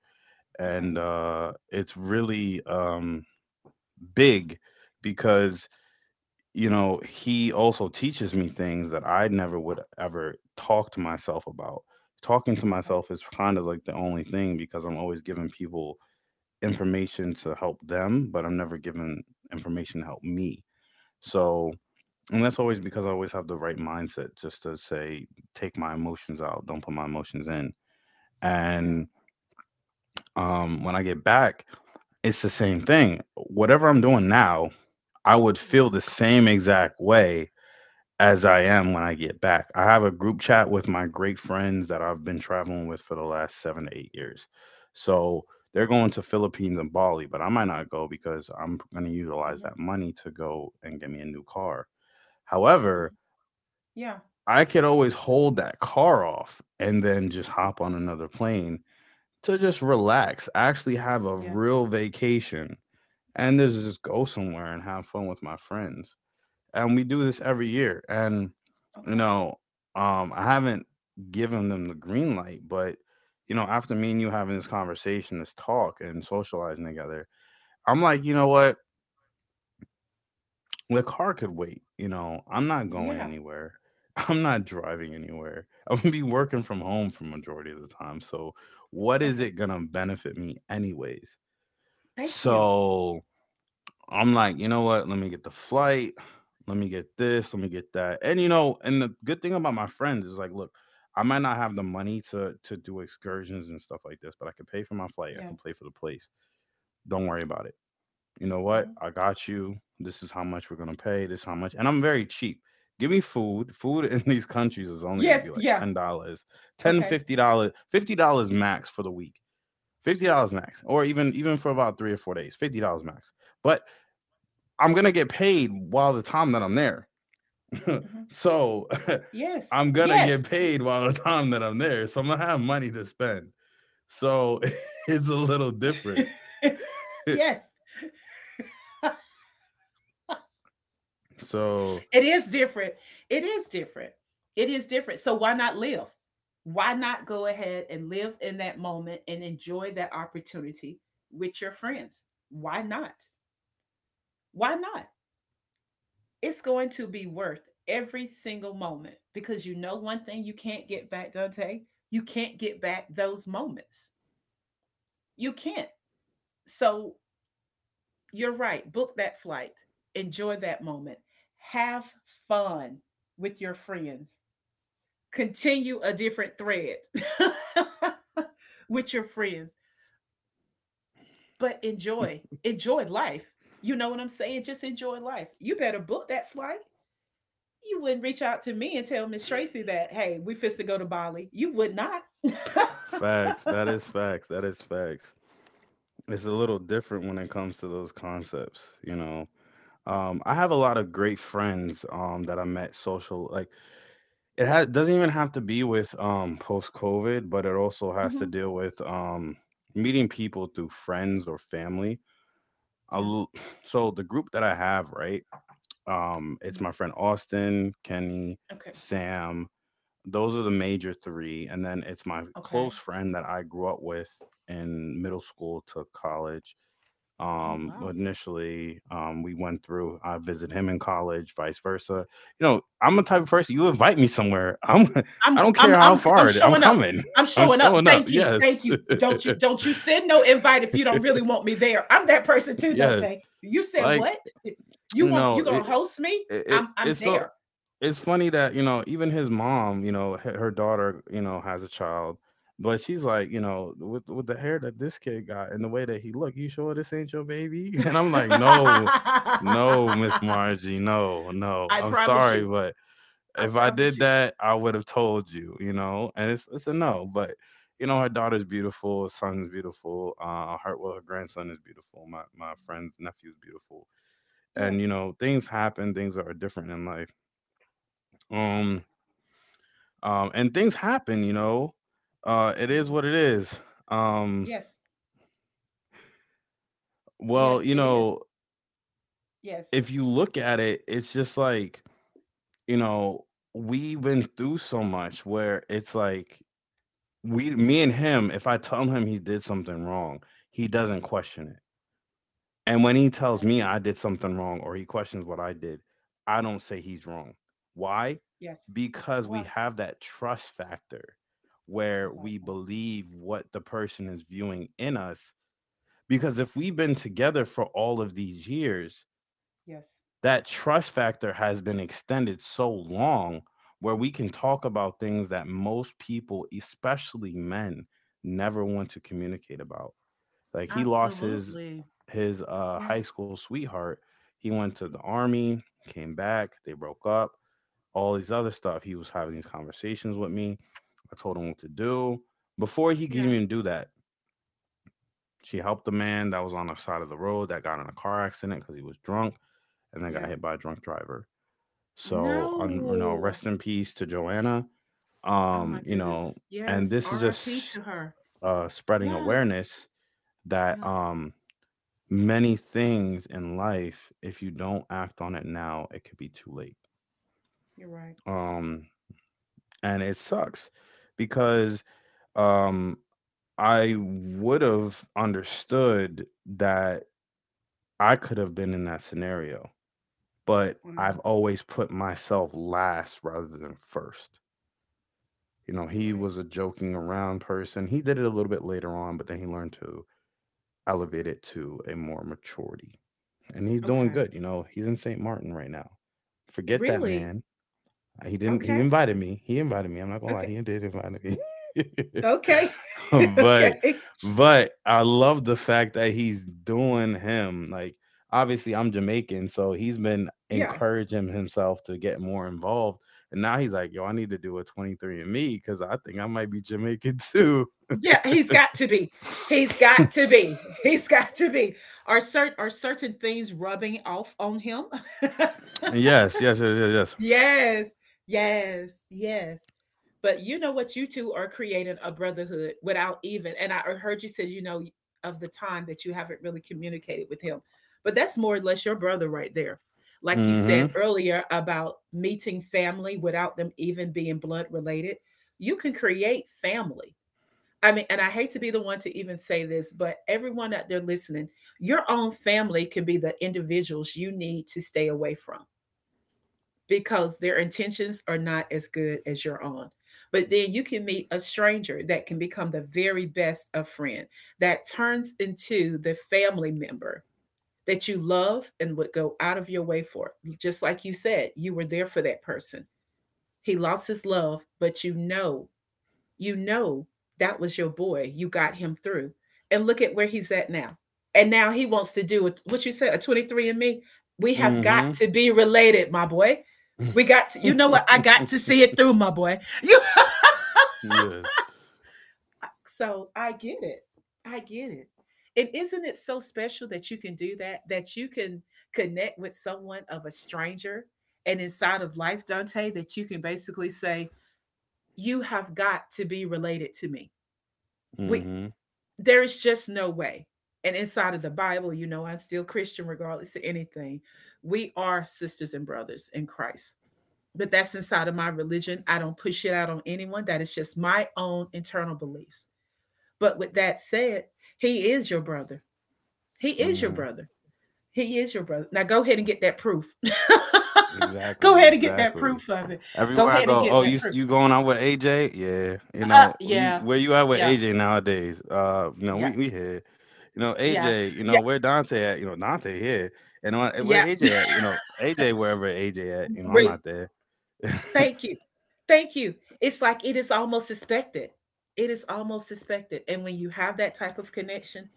A: And
B: Okay.
A: uh, it's really big because you know, he also teaches me things that I never would ever talk to myself about. Talking to
B: Okay.
A: myself is kind of like the only thing because I'm always giving people information to help them, but I'm never giving information to help me. So, and that's always because I always have the right mindset just to say, take my emotions out, don't put my emotions in.
B: Yeah,
A: And when I get back, it's the same thing. Whatever I'm doing now, I would
B: yeah,
A: feel the same exact way as I am when I get back. I have a group chat with my great friends that I've been traveling with for the last 7 to 8 years. So they're going to Philippines and Bali, but I might not go because I'm going to utilize
B: mm-hmm.
A: that money to go and get me a new car. However,
B: Mm-hmm. Yeah,
A: I could always hold that car off and then just
B: yeah,
A: hop on another plane to just relax, actually have a
B: yeah,
A: real vacation, and just go somewhere and have fun with my friends. And we do this every year. And you
B: okay,
A: know, I haven't given them the green light, but you know, after me and you having this conversation, this talk, and socializing together, I'm like, you know what, the car could wait. You know, I'm not going
B: yeah,
A: anywhere. I'm not driving anywhere. I'm gonna be working from home for majority of the time. So, what is
B: okay,
A: it gonna benefit me anyways?
B: thank you.
A: So, I'm like, you know what? Let me get the flight. Let me get this. Let me get that. And you know, and the good thing about my friends is like, look, I might not have the money to do excursions and stuff like this, but I can pay for my flight. I
B: Yeah.
A: can pay for the place. Don't worry about it. You know what?
B: Hmm.
A: I got you. This is how much we're gonna pay. This is how much. And I'm very cheap. Give me food. Food in these countries is only gonna
B: Yes.
A: be like
B: Yeah.
A: $10, ten
B: Okay.
A: fifty dollars, $50 max for the week. $50 max, or even for about 3 or 4 days. $50 max. But I'm gonna get paid while the time that I'm there.
B: Hmm.
A: So
B: Yes.
A: I'm gonna get
B: Yes.
A: paid while the time that I'm there. So I'm gonna have money to spend. So it's a little different.
B: Yes.
A: So
B: It is different. It is different. It is different. So why not live? Why not go ahead and live in that moment and enjoy that opportunity with your friends? Why not? Why not? It's going to be worth every single moment, because you know one thing you can't get back, Dante. You can't get back those moments. You can't. So you're right. Book that flight. Enjoy that moment. Have fun with your friends. Continue a different thread with your friends, but enjoy. Enjoy life. You know what I'm saying? Just enjoy life. You better book that flight. You wouldn't reach out to me and tell Miss Tracy that, hey, we fist go to Bali. You would not.
A: facts. That is facts. That is facts. It's a little different when it comes to those concepts, you know. I have a lot of great friends that I met social. Like it has doesn't even have to be with post COVID, but it also has to
B: Mhm.
A: deal with meeting people through friends or family. I
B: Yeah,
A: l- so the group that I have, right? It's
B: yeah.
A: my friend Austin, Kenny,
B: Okay.
A: Sam. Those are the major three, and then it's my
B: Okay.
A: close friend that I grew up with in middle school to college.
B: Oh, wow.
A: But initially, we went through. I visit him in college, vice versa. You know, I'm a type of person. You invite me somewhere, I'm. I
B: I'm
A: don't
B: I'm
A: care how
B: I'm I'm
A: far it, is, I'm
B: showing up.
A: coming.
B: I'm
A: I'm
B: showing up.
A: showing up.
B: Thank you. Thank
A: Yes,
B: you. Don't you send no invite if you don't really want me there. I'm that person too,
A: yes.
B: Dante. You said
A: Like,
B: what?
A: you know,
B: You gonna host me? I'm
A: it's so
B: there.
A: it's funny that, you know, even his mom, you know, her daughter, you know, has a child, but she's like, you know, with the hair that this kid got and the way that he look, you sure this ain't your baby? And I'm like, no, no, Miss Margie, no no,
B: I
A: I'm
B: promise
A: sorry,
B: you.
A: but
B: I
A: if I
B: promise
A: did
B: you.
A: that I would have told you, you know. And it's a no. But you know, her daughter's beautiful, son's beautiful, uh, her, well, her grandson is beautiful, my friend's nephew's beautiful. And you
B: Yes.
A: know, things happen, things are different in life. um and things happen, you know. It is
B: Hmm.
A: what it is. um,
B: Yes.
A: well,
B: Yes,
A: you
B: it is.
A: know,
B: Yes.
A: if you look at it, it's just like, you know, we've been through so much where it's like, we, me and him, if I tell him he did something wrong, he doesn't question it. And when he
B: I
A: tells
B: got
A: me
B: you.
A: I did something wrong, or he questions what I did, I don't say he's wrong. Why?
B: Yes.
A: Because we
B: Why?
A: have that trust factor
B: I
A: where
B: like
A: we
B: that.
A: believe what the person is viewing in us. Because if we've been together for all of these years,
B: Yes.
A: that trust factor has been extended so long where we can talk about things that most people, especially men, never want to communicate about. Like he lost his
B: Absolutely.
A: high
B: Yes.
A: school sweetheart. He went to the army, came back, they broke up, all these other stuff. He was having these conversations with me. I told him what to do. Before he could
B: Yeah.
A: even do that, she helped a man that was on the side of the road that got in a car accident because he was drunk and then got
B: Yeah.
A: hit by a drunk driver. So, un you know,
B: No.
A: rest in peace to Joanna.
B: Oh my
A: You know,
B: goodness.
A: and
B: Yes.
A: this is
B: R.I.P.
A: just
B: to her.
A: spreading
B: Yes.
A: awareness that
B: Yeah.
A: many things in life, if you don't act on it now, it could be too late.
B: You're right.
A: Um, and it sucks because um, I would have understood that I could have been in that scenario, but
B: Wow.
A: I've always put myself last rather than first. You know,
B: You're
A: he
B: right.
A: was a joking around person. He did it a little bit later on, but then he learned to elevate it to a more maturity. And he's doing
B: Okay.
A: good. You know, he's in St. Martin right now. Forget that
B: Really?
A: man. He didn't, he
B: Okay.
A: invited me. He invited me. I'm not going to lie.
B: Okay.
A: He did invite me.
B: Okay.
A: but
B: Okay.
A: but I love the fact that he's doing him. Like obviously I'm Jamaican, so he's been
B: Yeah.
A: encouraging himself to get more involved. And now he's like, yo, I need to do a 23 and me because I think I might be Jamaican too.
B: Yeah, he's got to be. He's got to be. He's got to be. Are certain things rubbing off on him?
A: Yes, yes, yes, yes, yes.
B: Yes, yes, yes. But you know what? You two are creating a brotherhood without even. And I heard you said you know of the time that you haven't really communicated with him, but that's more or less your brother right there. Like you
A: Mm-hmm.
B: said earlier about meeting family without them even being blood related, you can create family. I mean, and I hate to be the one to even say this, but everyone out there listening, your own family can be the individuals you need to stay away from because their intentions are not as good as your own. But then you can meet a stranger that can become the very best of friend that turns into the family member that you love and would go out of your way for. Just like you said, you were there for that person. He lost his love, but you know that was your boy. You got him through. And look at where he's at now. And now he wants to do a- what you said, a 23 and me. We have got
A: Mm-hmm.
B: to be related, my boy. We got to, you know what? I got to see it through, my boy. You
A: Yes.
B: so I get it. I get it. And isn't it so special that you can do that? That you can connect with someone of a stranger and inside of life, Dante, that you can basically say, you have got to be related to me. We
A: Mm-hmm.
B: There is just no way. And inside of the Bible, you know, I'm still Christian regardless of anything. We are sisters and brothers in Christ. But that's inside of my religion. I don't push it out on anyone. That is just my own internal beliefs. But with that said, he is your brother. He is your
A: Mm-hmm.
B: brother. He is your brother. Now go ahead and get that proof. Go
A: Exactly,
B: ahead and get that
A: exactly.
B: proof of it. Go
A: Everywhere I
B: ahead and
A: go,
B: get
A: oh,
B: that
A: you
B: proof.
A: you going out with AJ? Yeah, you know, you
B: Yeah,
A: where you at with
B: yeah,
A: AJ nowadays? You know,
B: yeah,
A: we here, you know,
B: yeah,
A: AJ, you know,
B: yeah,
A: where Dante at? You know, Dante here, and where
B: yeah.
A: AJ at? You know, AJ, wherever AJ at? You know, I'm
B: We're
A: not there.
B: Thank you. Thank you. It's like it is almost expected. It is almost expected. And when you have that type of connection,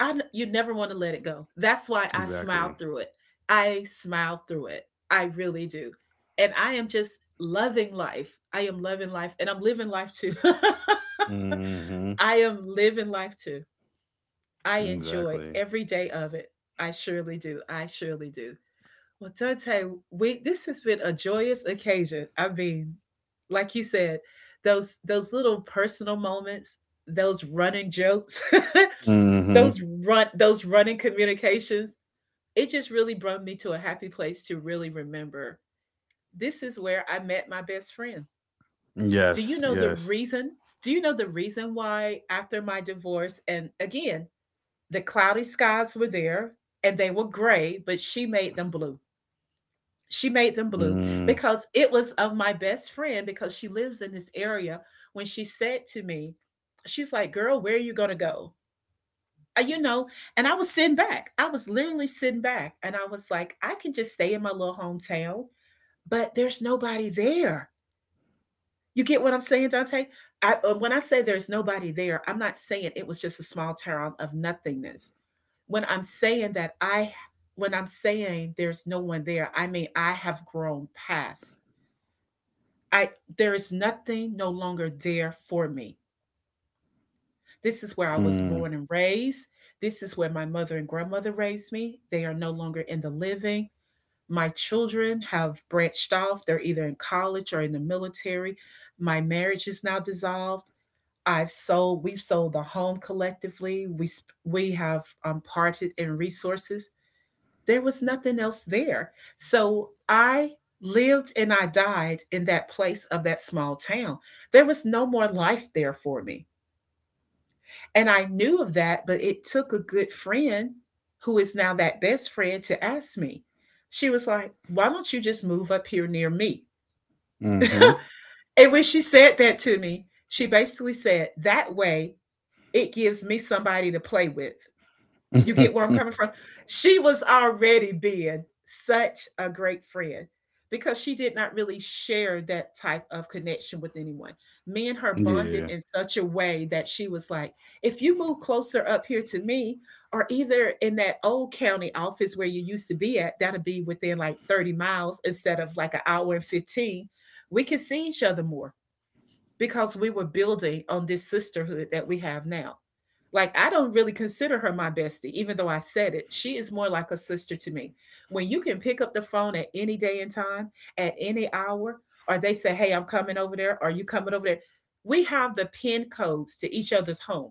B: you never want to let it go. That's why I smile
A: Exactly.
B: through it. I smile through it. I really do. And I am just loving life. I am loving life and I'm living life too.
A: Mm-hmm.
B: I am living life too. I enjoy
A: Exactly.
B: every day of it. I surely do. I surely do. Well, Dante, we this has been a joyous occasion. I mean, like you said, those little personal moments, those running jokes,
A: Mm-hmm.
B: those running communications, it just really brought me to a happy place to really remember. This is where I met my best friend. Do you
A: Yes.
B: know the
A: Yes.
B: reason? Do you know the reason why after my divorce and again, the cloudy skies were there and they were gray, but she made them blue, she made them blue
A: Mm-hmm.
B: because it was of my best friend because she lives in this area. When she said to me, she's like, "Girl, where are you gonna go?" You know, and I was sitting back. I was literally sitting back, and I was like, "I can just stay in my little hometown, but there's nobody there." You get what I'm saying, Dante? When I say there's nobody there, I'm not saying it was just a small town of nothingness. When I'm saying when I'm saying there's no one there, I mean I have grown past I there is nothing no longer there for me. This is where I was born and raised. This is where my mother and grandmother raised me. They are no longer in the living. My children have branched off. They're either in college or in the military. My marriage is now dissolved. I've sold. We've sold the home collectively. We have parted in resources. There was nothing else there. So I lived and I died in that place of that small town. There was no more life there for me. And I knew of that, but it took a good friend who is now that best friend to ask me. She was like, "Why don't you just move up here near me?"
A: Mm-hmm.
B: And when she said that to me, she basically said, "That way it gives me somebody to play with." You
A: Yeah.
B: get where I'm coming from? She was already being such a great friend because she did not really share that type of connection with anyone. Me and her bonded in such a way that she was like, if you move closer up here to me, or either in that old county office where you used to be at, that'll be within like 30 miles instead of like an hour and 15, we can see each other more because we were building on this sisterhood that we have now. Like, I don't really consider her my bestie, even though I said it. She is more like a sister to me. When you can pick up the phone at any day and time, at any hour, or they say, "Hey, I'm coming over there, are you coming over there?" We have the pin codes to each other's home,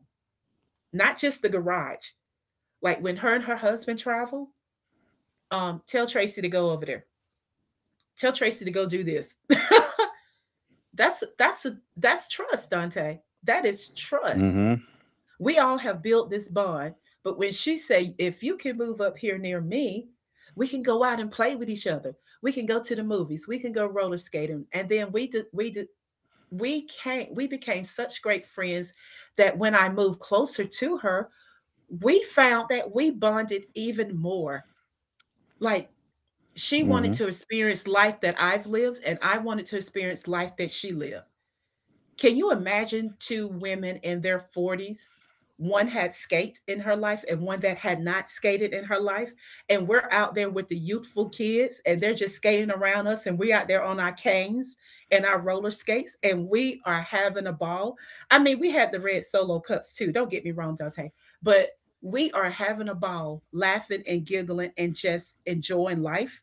B: not just the garage. Like when her and her husband travel, tell Tracy to go over there. Tell Tracy to go do this. that's that's a, that's trust, Dante. That is trust.
A: Mm-hmm.
B: We all have built this bond, but when she say, "If you can move up here near me, we can go out and play with each other. We can go to the movies. We can go roller skating." And then we did, we became such great friends that when I moved closer to her, we found that we bonded even more. Like, she
A: Mm-hmm.
B: wanted to experience life that I've lived, and I wanted to experience life that she lived. Can you imagine two women in their 40s? One had skate in her life and one that had not skated in her life. And we're out there with the youthful kids and they're just skating around us and we out there on our canes and our roller skates and we are having a ball. I mean, we had the red solo cups too. Don't get me wrong, Dante. But we are having a ball, laughing and giggling and just enjoying life.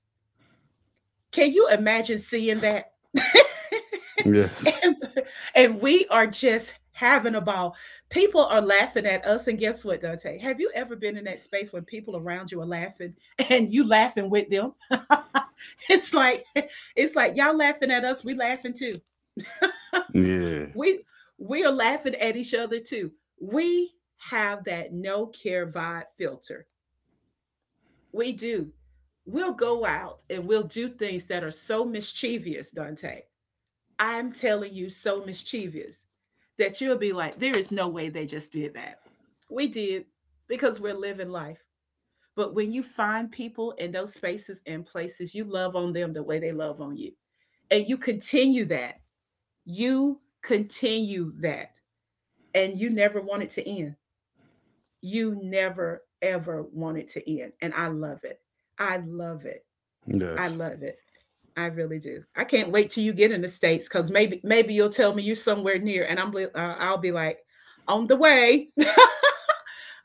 B: Can you imagine seeing that?
A: Yes.
B: And, and we are just having a ball. People are laughing at us. And guess what, Dante? Have you ever been in that space when people around you are laughing and you laughing with them? it's like it's like y'all laughing at us, we laughing too.
A: Yeah.
B: We we are laughing at each other too. We have that no care vibe filter. We do. We'll go out and we'll do things that are so mischievous, Dante. I'm telling you, so mischievous that you'll be like, there is no way they just did that. We did because we're living life. But when you find people in those spaces and places, you love on them the way they love on you. And you continue that. You continue that. And you never want it to end. You never, ever want it to end. And I love it. I love it. I
A: Yes.
B: love it. I really do. I can't wait till you get in the states because maybe you'll tell me you're somewhere near, and I'll be like, on the way.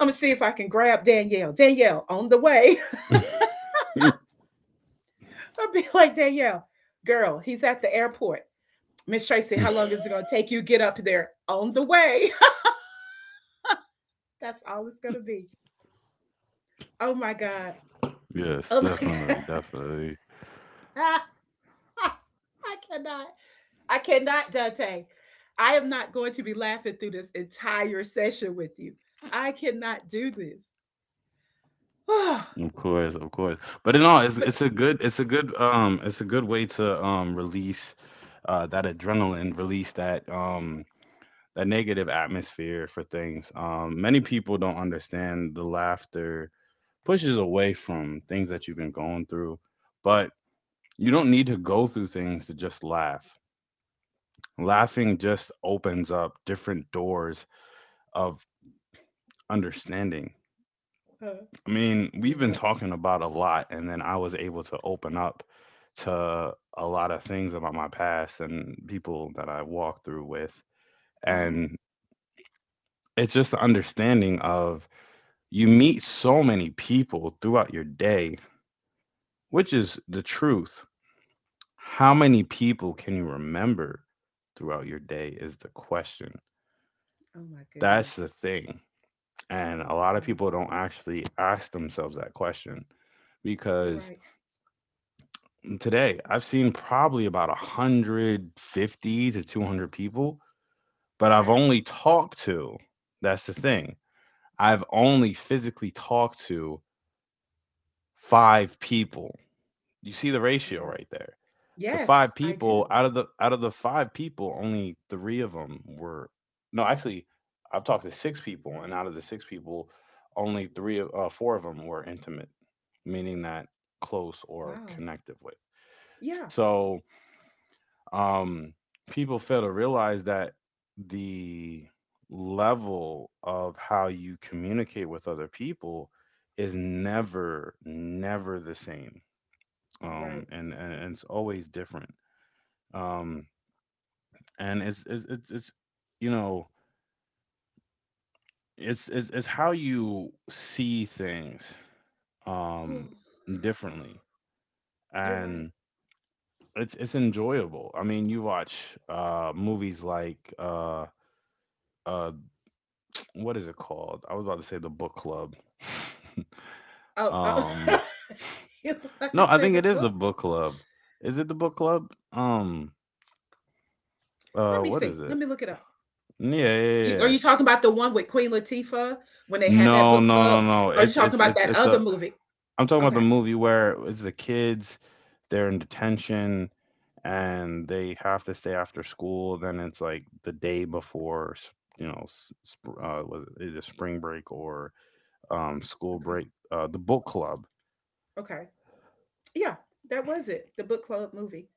B: I'm gonna see if I can grab Danielle. Danielle, on the way. I'll be like, "Danielle, girl, he's at the airport. Miss Tracy, how long is it gonna take you to get up there? On the way." That's all it's gonna be. Oh my god.
A: Yes,
B: Oh my god.
A: definitely, definitely.
B: I cannot. I cannot, Dante. I am not going to be laughing through this entire session with you. I cannot do this.
A: Of course, of course. But no, it's
B: But
A: it's a good way to release that adrenaline, release that that negative atmosphere for things. Many people don't understand the laughter pushes away from things that you've been going through, but you don't need to go through things to just laugh. Laughing just opens up different doors of understanding.
B: uh,
A: I mean,
B: you're
A: we've been
B: right.
A: talking about a lot, and then I was able to open up to a lot of things about my past and people that I walked through with.
B: Hmm.
A: And it's just the understanding of, you meet so many people throughout your day, which is the truth. How many people can you remember throughout your day is the question.
B: Oh my
A: That's the
B: goodness.
A: thing. And a lot of
B: Wow.
A: people don't actually ask themselves that question
B: You're
A: because
B: right.
A: today, I've seen probably about 150 to 200 people, but I've
B: Okay.
A: only talked to, that's the thing. I've only physically talked to 5 people. You see the
B: You're
A: ratio
B: right.
A: right there. The 5
B: Yes, I
A: people
B: do.
A: out of the 5 people, only 3 of them were. No, actually, I've talked to 6 people, and out of the 6 people, only 3 of uh, 4 of them were intimate, meaning that close or
B: Wow.
A: connected with.
B: Yeah,
A: So, um, People fail to realize that the level of how you communicate with other people is never, never the same.
B: you're right.
A: And it's always different. Um, and it's you know, it's how you see things, um, differently.
B: You're right.
A: And it's enjoyable. I mean, you watch, movies like, uh, what is it called? I was about to say The Book Club.
B: Oh, oh.
A: um,
B: You were about to
A: no, I
B: say
A: think
B: the
A: it is The
B: book?
A: Book Club. Is it The Book Club?
B: Let me
A: What
B: see.
A: is
B: Let
A: it?
B: me look it up.
A: Yeah,
B: You
A: yeah,
B: are,
A: yeah.
B: you talking about the one with Queen Latifah when they had that
A: No,
B: book
A: no, no,
B: club?
A: no.
B: Or are you
A: It's
B: talking
A: it's
B: about
A: it's
B: that
A: it's
B: other
A: a.
B: movie?
A: I'm talking about
B: Okay.
A: the movie where it's the kids. They're in detention and they have to stay after school. Then it's like the day before, you know, was it either spring break or school
B: Okay.
A: break. The book club.
B: Okay. Yeah, that was it. The book club movie.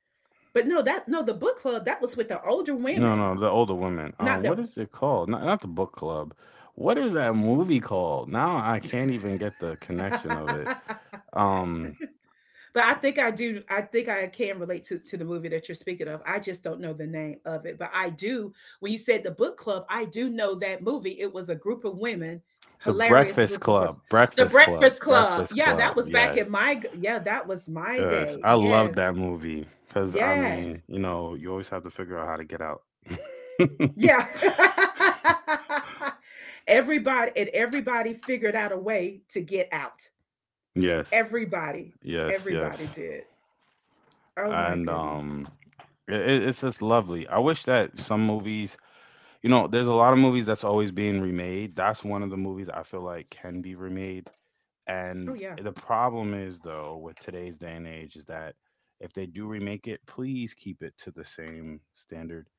B: But no, that, no, the book club that was with the older
A: No,
B: women,
A: no, the older women.
B: not the—
A: What is it called? Not, not the book club. What is that movie called? Now I can't even get the
B: Yeah.
A: connection of it. Um,
B: But I think I do. I think I can relate to the movie that you're speaking of. I just don't know the name of it. But I do, when you said the book club, I do know that movie. It was a group of women,
A: The
B: hilarious
A: Breakfast
B: group of
A: Club.
B: person. The
A: Breakfast Club.
B: Breakfast Club.
A: Breakfast
B: Yeah, that
A: Club.
B: was back in
A: Yes,
B: my, g- yeah, that was my
A: yes.
B: day.
A: I love
B: Yes.
A: that movie because, I
B: Yes.
A: mean, you know, you always have to figure out how to get out.
B: Yeah. Everybody, and everybody figured out a way to get out.
A: Yes,
B: Everybody.
A: yes,
B: Everybody
A: yes.
B: did. Oh my
A: And
B: goodness.
A: um it's just lovely. I wish that some movies, you know, there's a lot of movies that's always being remade. That's one of the movies I feel like can be remade.
B: Oh,
A: And
B: yeah.
A: the problem is, though, with today's day and age is that if they do remake it, please keep it to the same standard.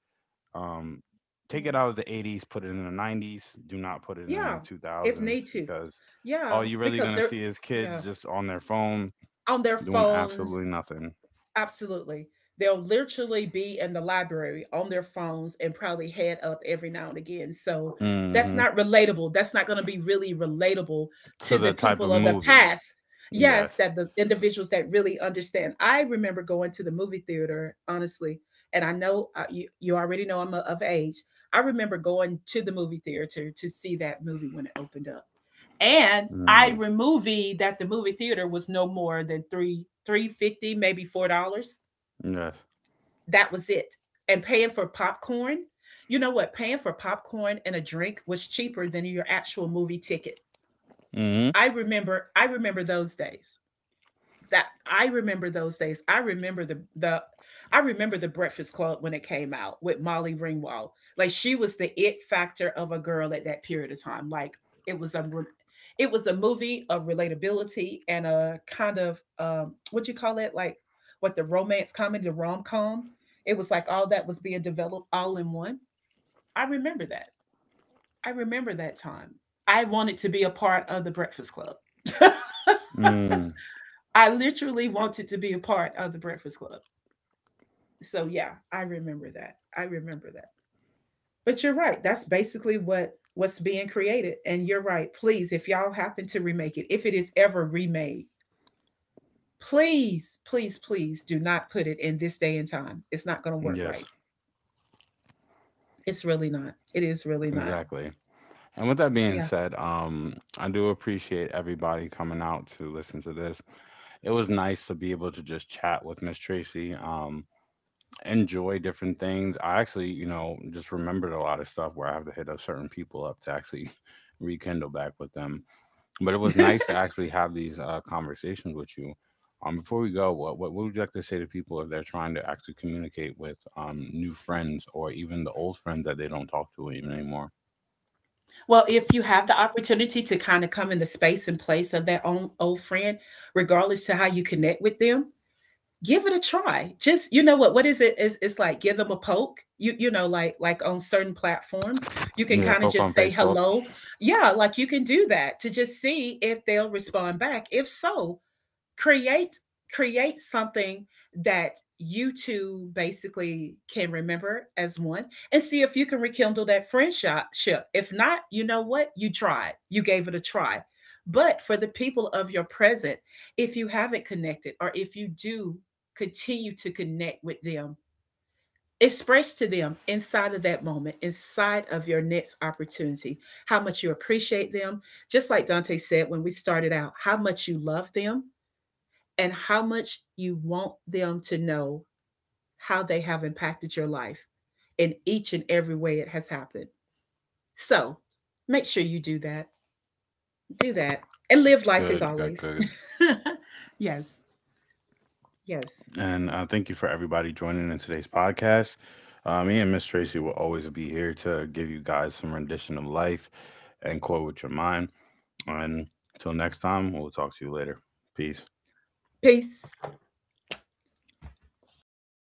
A: Um, take it
B: Yeah.
A: out of the 80s, put it in the 90s. Do not put it in
B: Yeah,
A: the
B: if need
A: 2000s
B: to.
A: because
B: Yeah,
A: all you're really
B: because
A: gonna
B: they're,
A: see is kids
B: yeah,
A: just on their phone
B: on their
A: doing
B: phones,
A: absolutely nothing.
B: absolutely. They'll literally be in the library on their phones and probably head up every now and again. So that's
A: Hmm.
B: not relatable. That's not going to be really relatable
A: To
B: to the
A: the type
B: people
A: of
B: of the
A: movie.
B: past. Yes,
A: Yes.
B: that the individuals that really understand. I remember going to the movie theater, honestly, and I know you, you already know I'm a, of age. I remember going to the movie theater to see that movie when it opened up and I
A: Mm.
B: removie that the movie theater was no more than three fifty, maybe four dollars.
A: Yes.
B: That was it. And paying for popcorn, you know what? Paying for popcorn and a drink was cheaper than your actual movie ticket.
A: Hmm.
B: I remember those days that I remember those days. I remember the Breakfast Club when it came out with Molly Ringwald. Like, she was the it factor of a girl at that period of time. Like, it was a re- it was a movie of relatability and a kind of what you call it, like, what, the romance comedy, the rom com. It was like all that was being developed all in one. I remember that. I remember that time. I wanted to be a part of the Breakfast Club.
A: Mm.
B: I literally wanted to be a part of the Breakfast Club. So yeah, I remember that. I remember that. But you're right. That's basically what what's being created. And you're right. Please, if y'all happen to remake it, if it is ever remade, please, please, please do not put it in this day and time. It's not going to work
A: Yes.
B: right. It's really not. It is really not.
A: Exactly. And with that being
B: Yeah.
A: said, I do appreciate everybody coming out to listen to this. It was nice to be able to just chat with Miss Tracy, enjoy different things. I actually, you know, just remembered a lot of stuff where I have to hit up certain people up to actually rekindle back with them. But it was nice to actually have these conversations with you. Before we go, what would you like to say to people if they're trying to actually communicate with new friends or even the old friends that they don't talk to even anymore?
B: Well, if you have the opportunity to kind of come in the space and place of that own old friend, regardless to how you connect with them, give it a try. Just, you know what is it, is, it's like give them a poke. You know, like on certain platforms you can
A: Yeah,
B: kind of
A: poke on
B: just say
A: Facebook.
B: hello. Yeah, like you can do that to just see if they'll respond back. If so, create, create something that you two basically can remember as one, and see if you can rekindle that friendship. If not, you know what, you tried, you gave it a try. But for the people of your present, if you haven't connected, or if you do, continue to connect with them. Express to them inside of that moment, inside of your next opportunity, how much you appreciate them, just like Dante said when we started out, how much you love them, and how much you want them to know how they have impacted your life in each and every way it has happened. So make sure you do that. Do that. And live life as
A: Good, good,
B: always.
A: good.
B: Yes. Yes.
A: And thank you for everybody joining in today's podcast. Me and Miss Tracy will always be here to give you guys some rendition of life and quote with your mind. And until next time, we'll talk to you later. Peace.
B: Peace.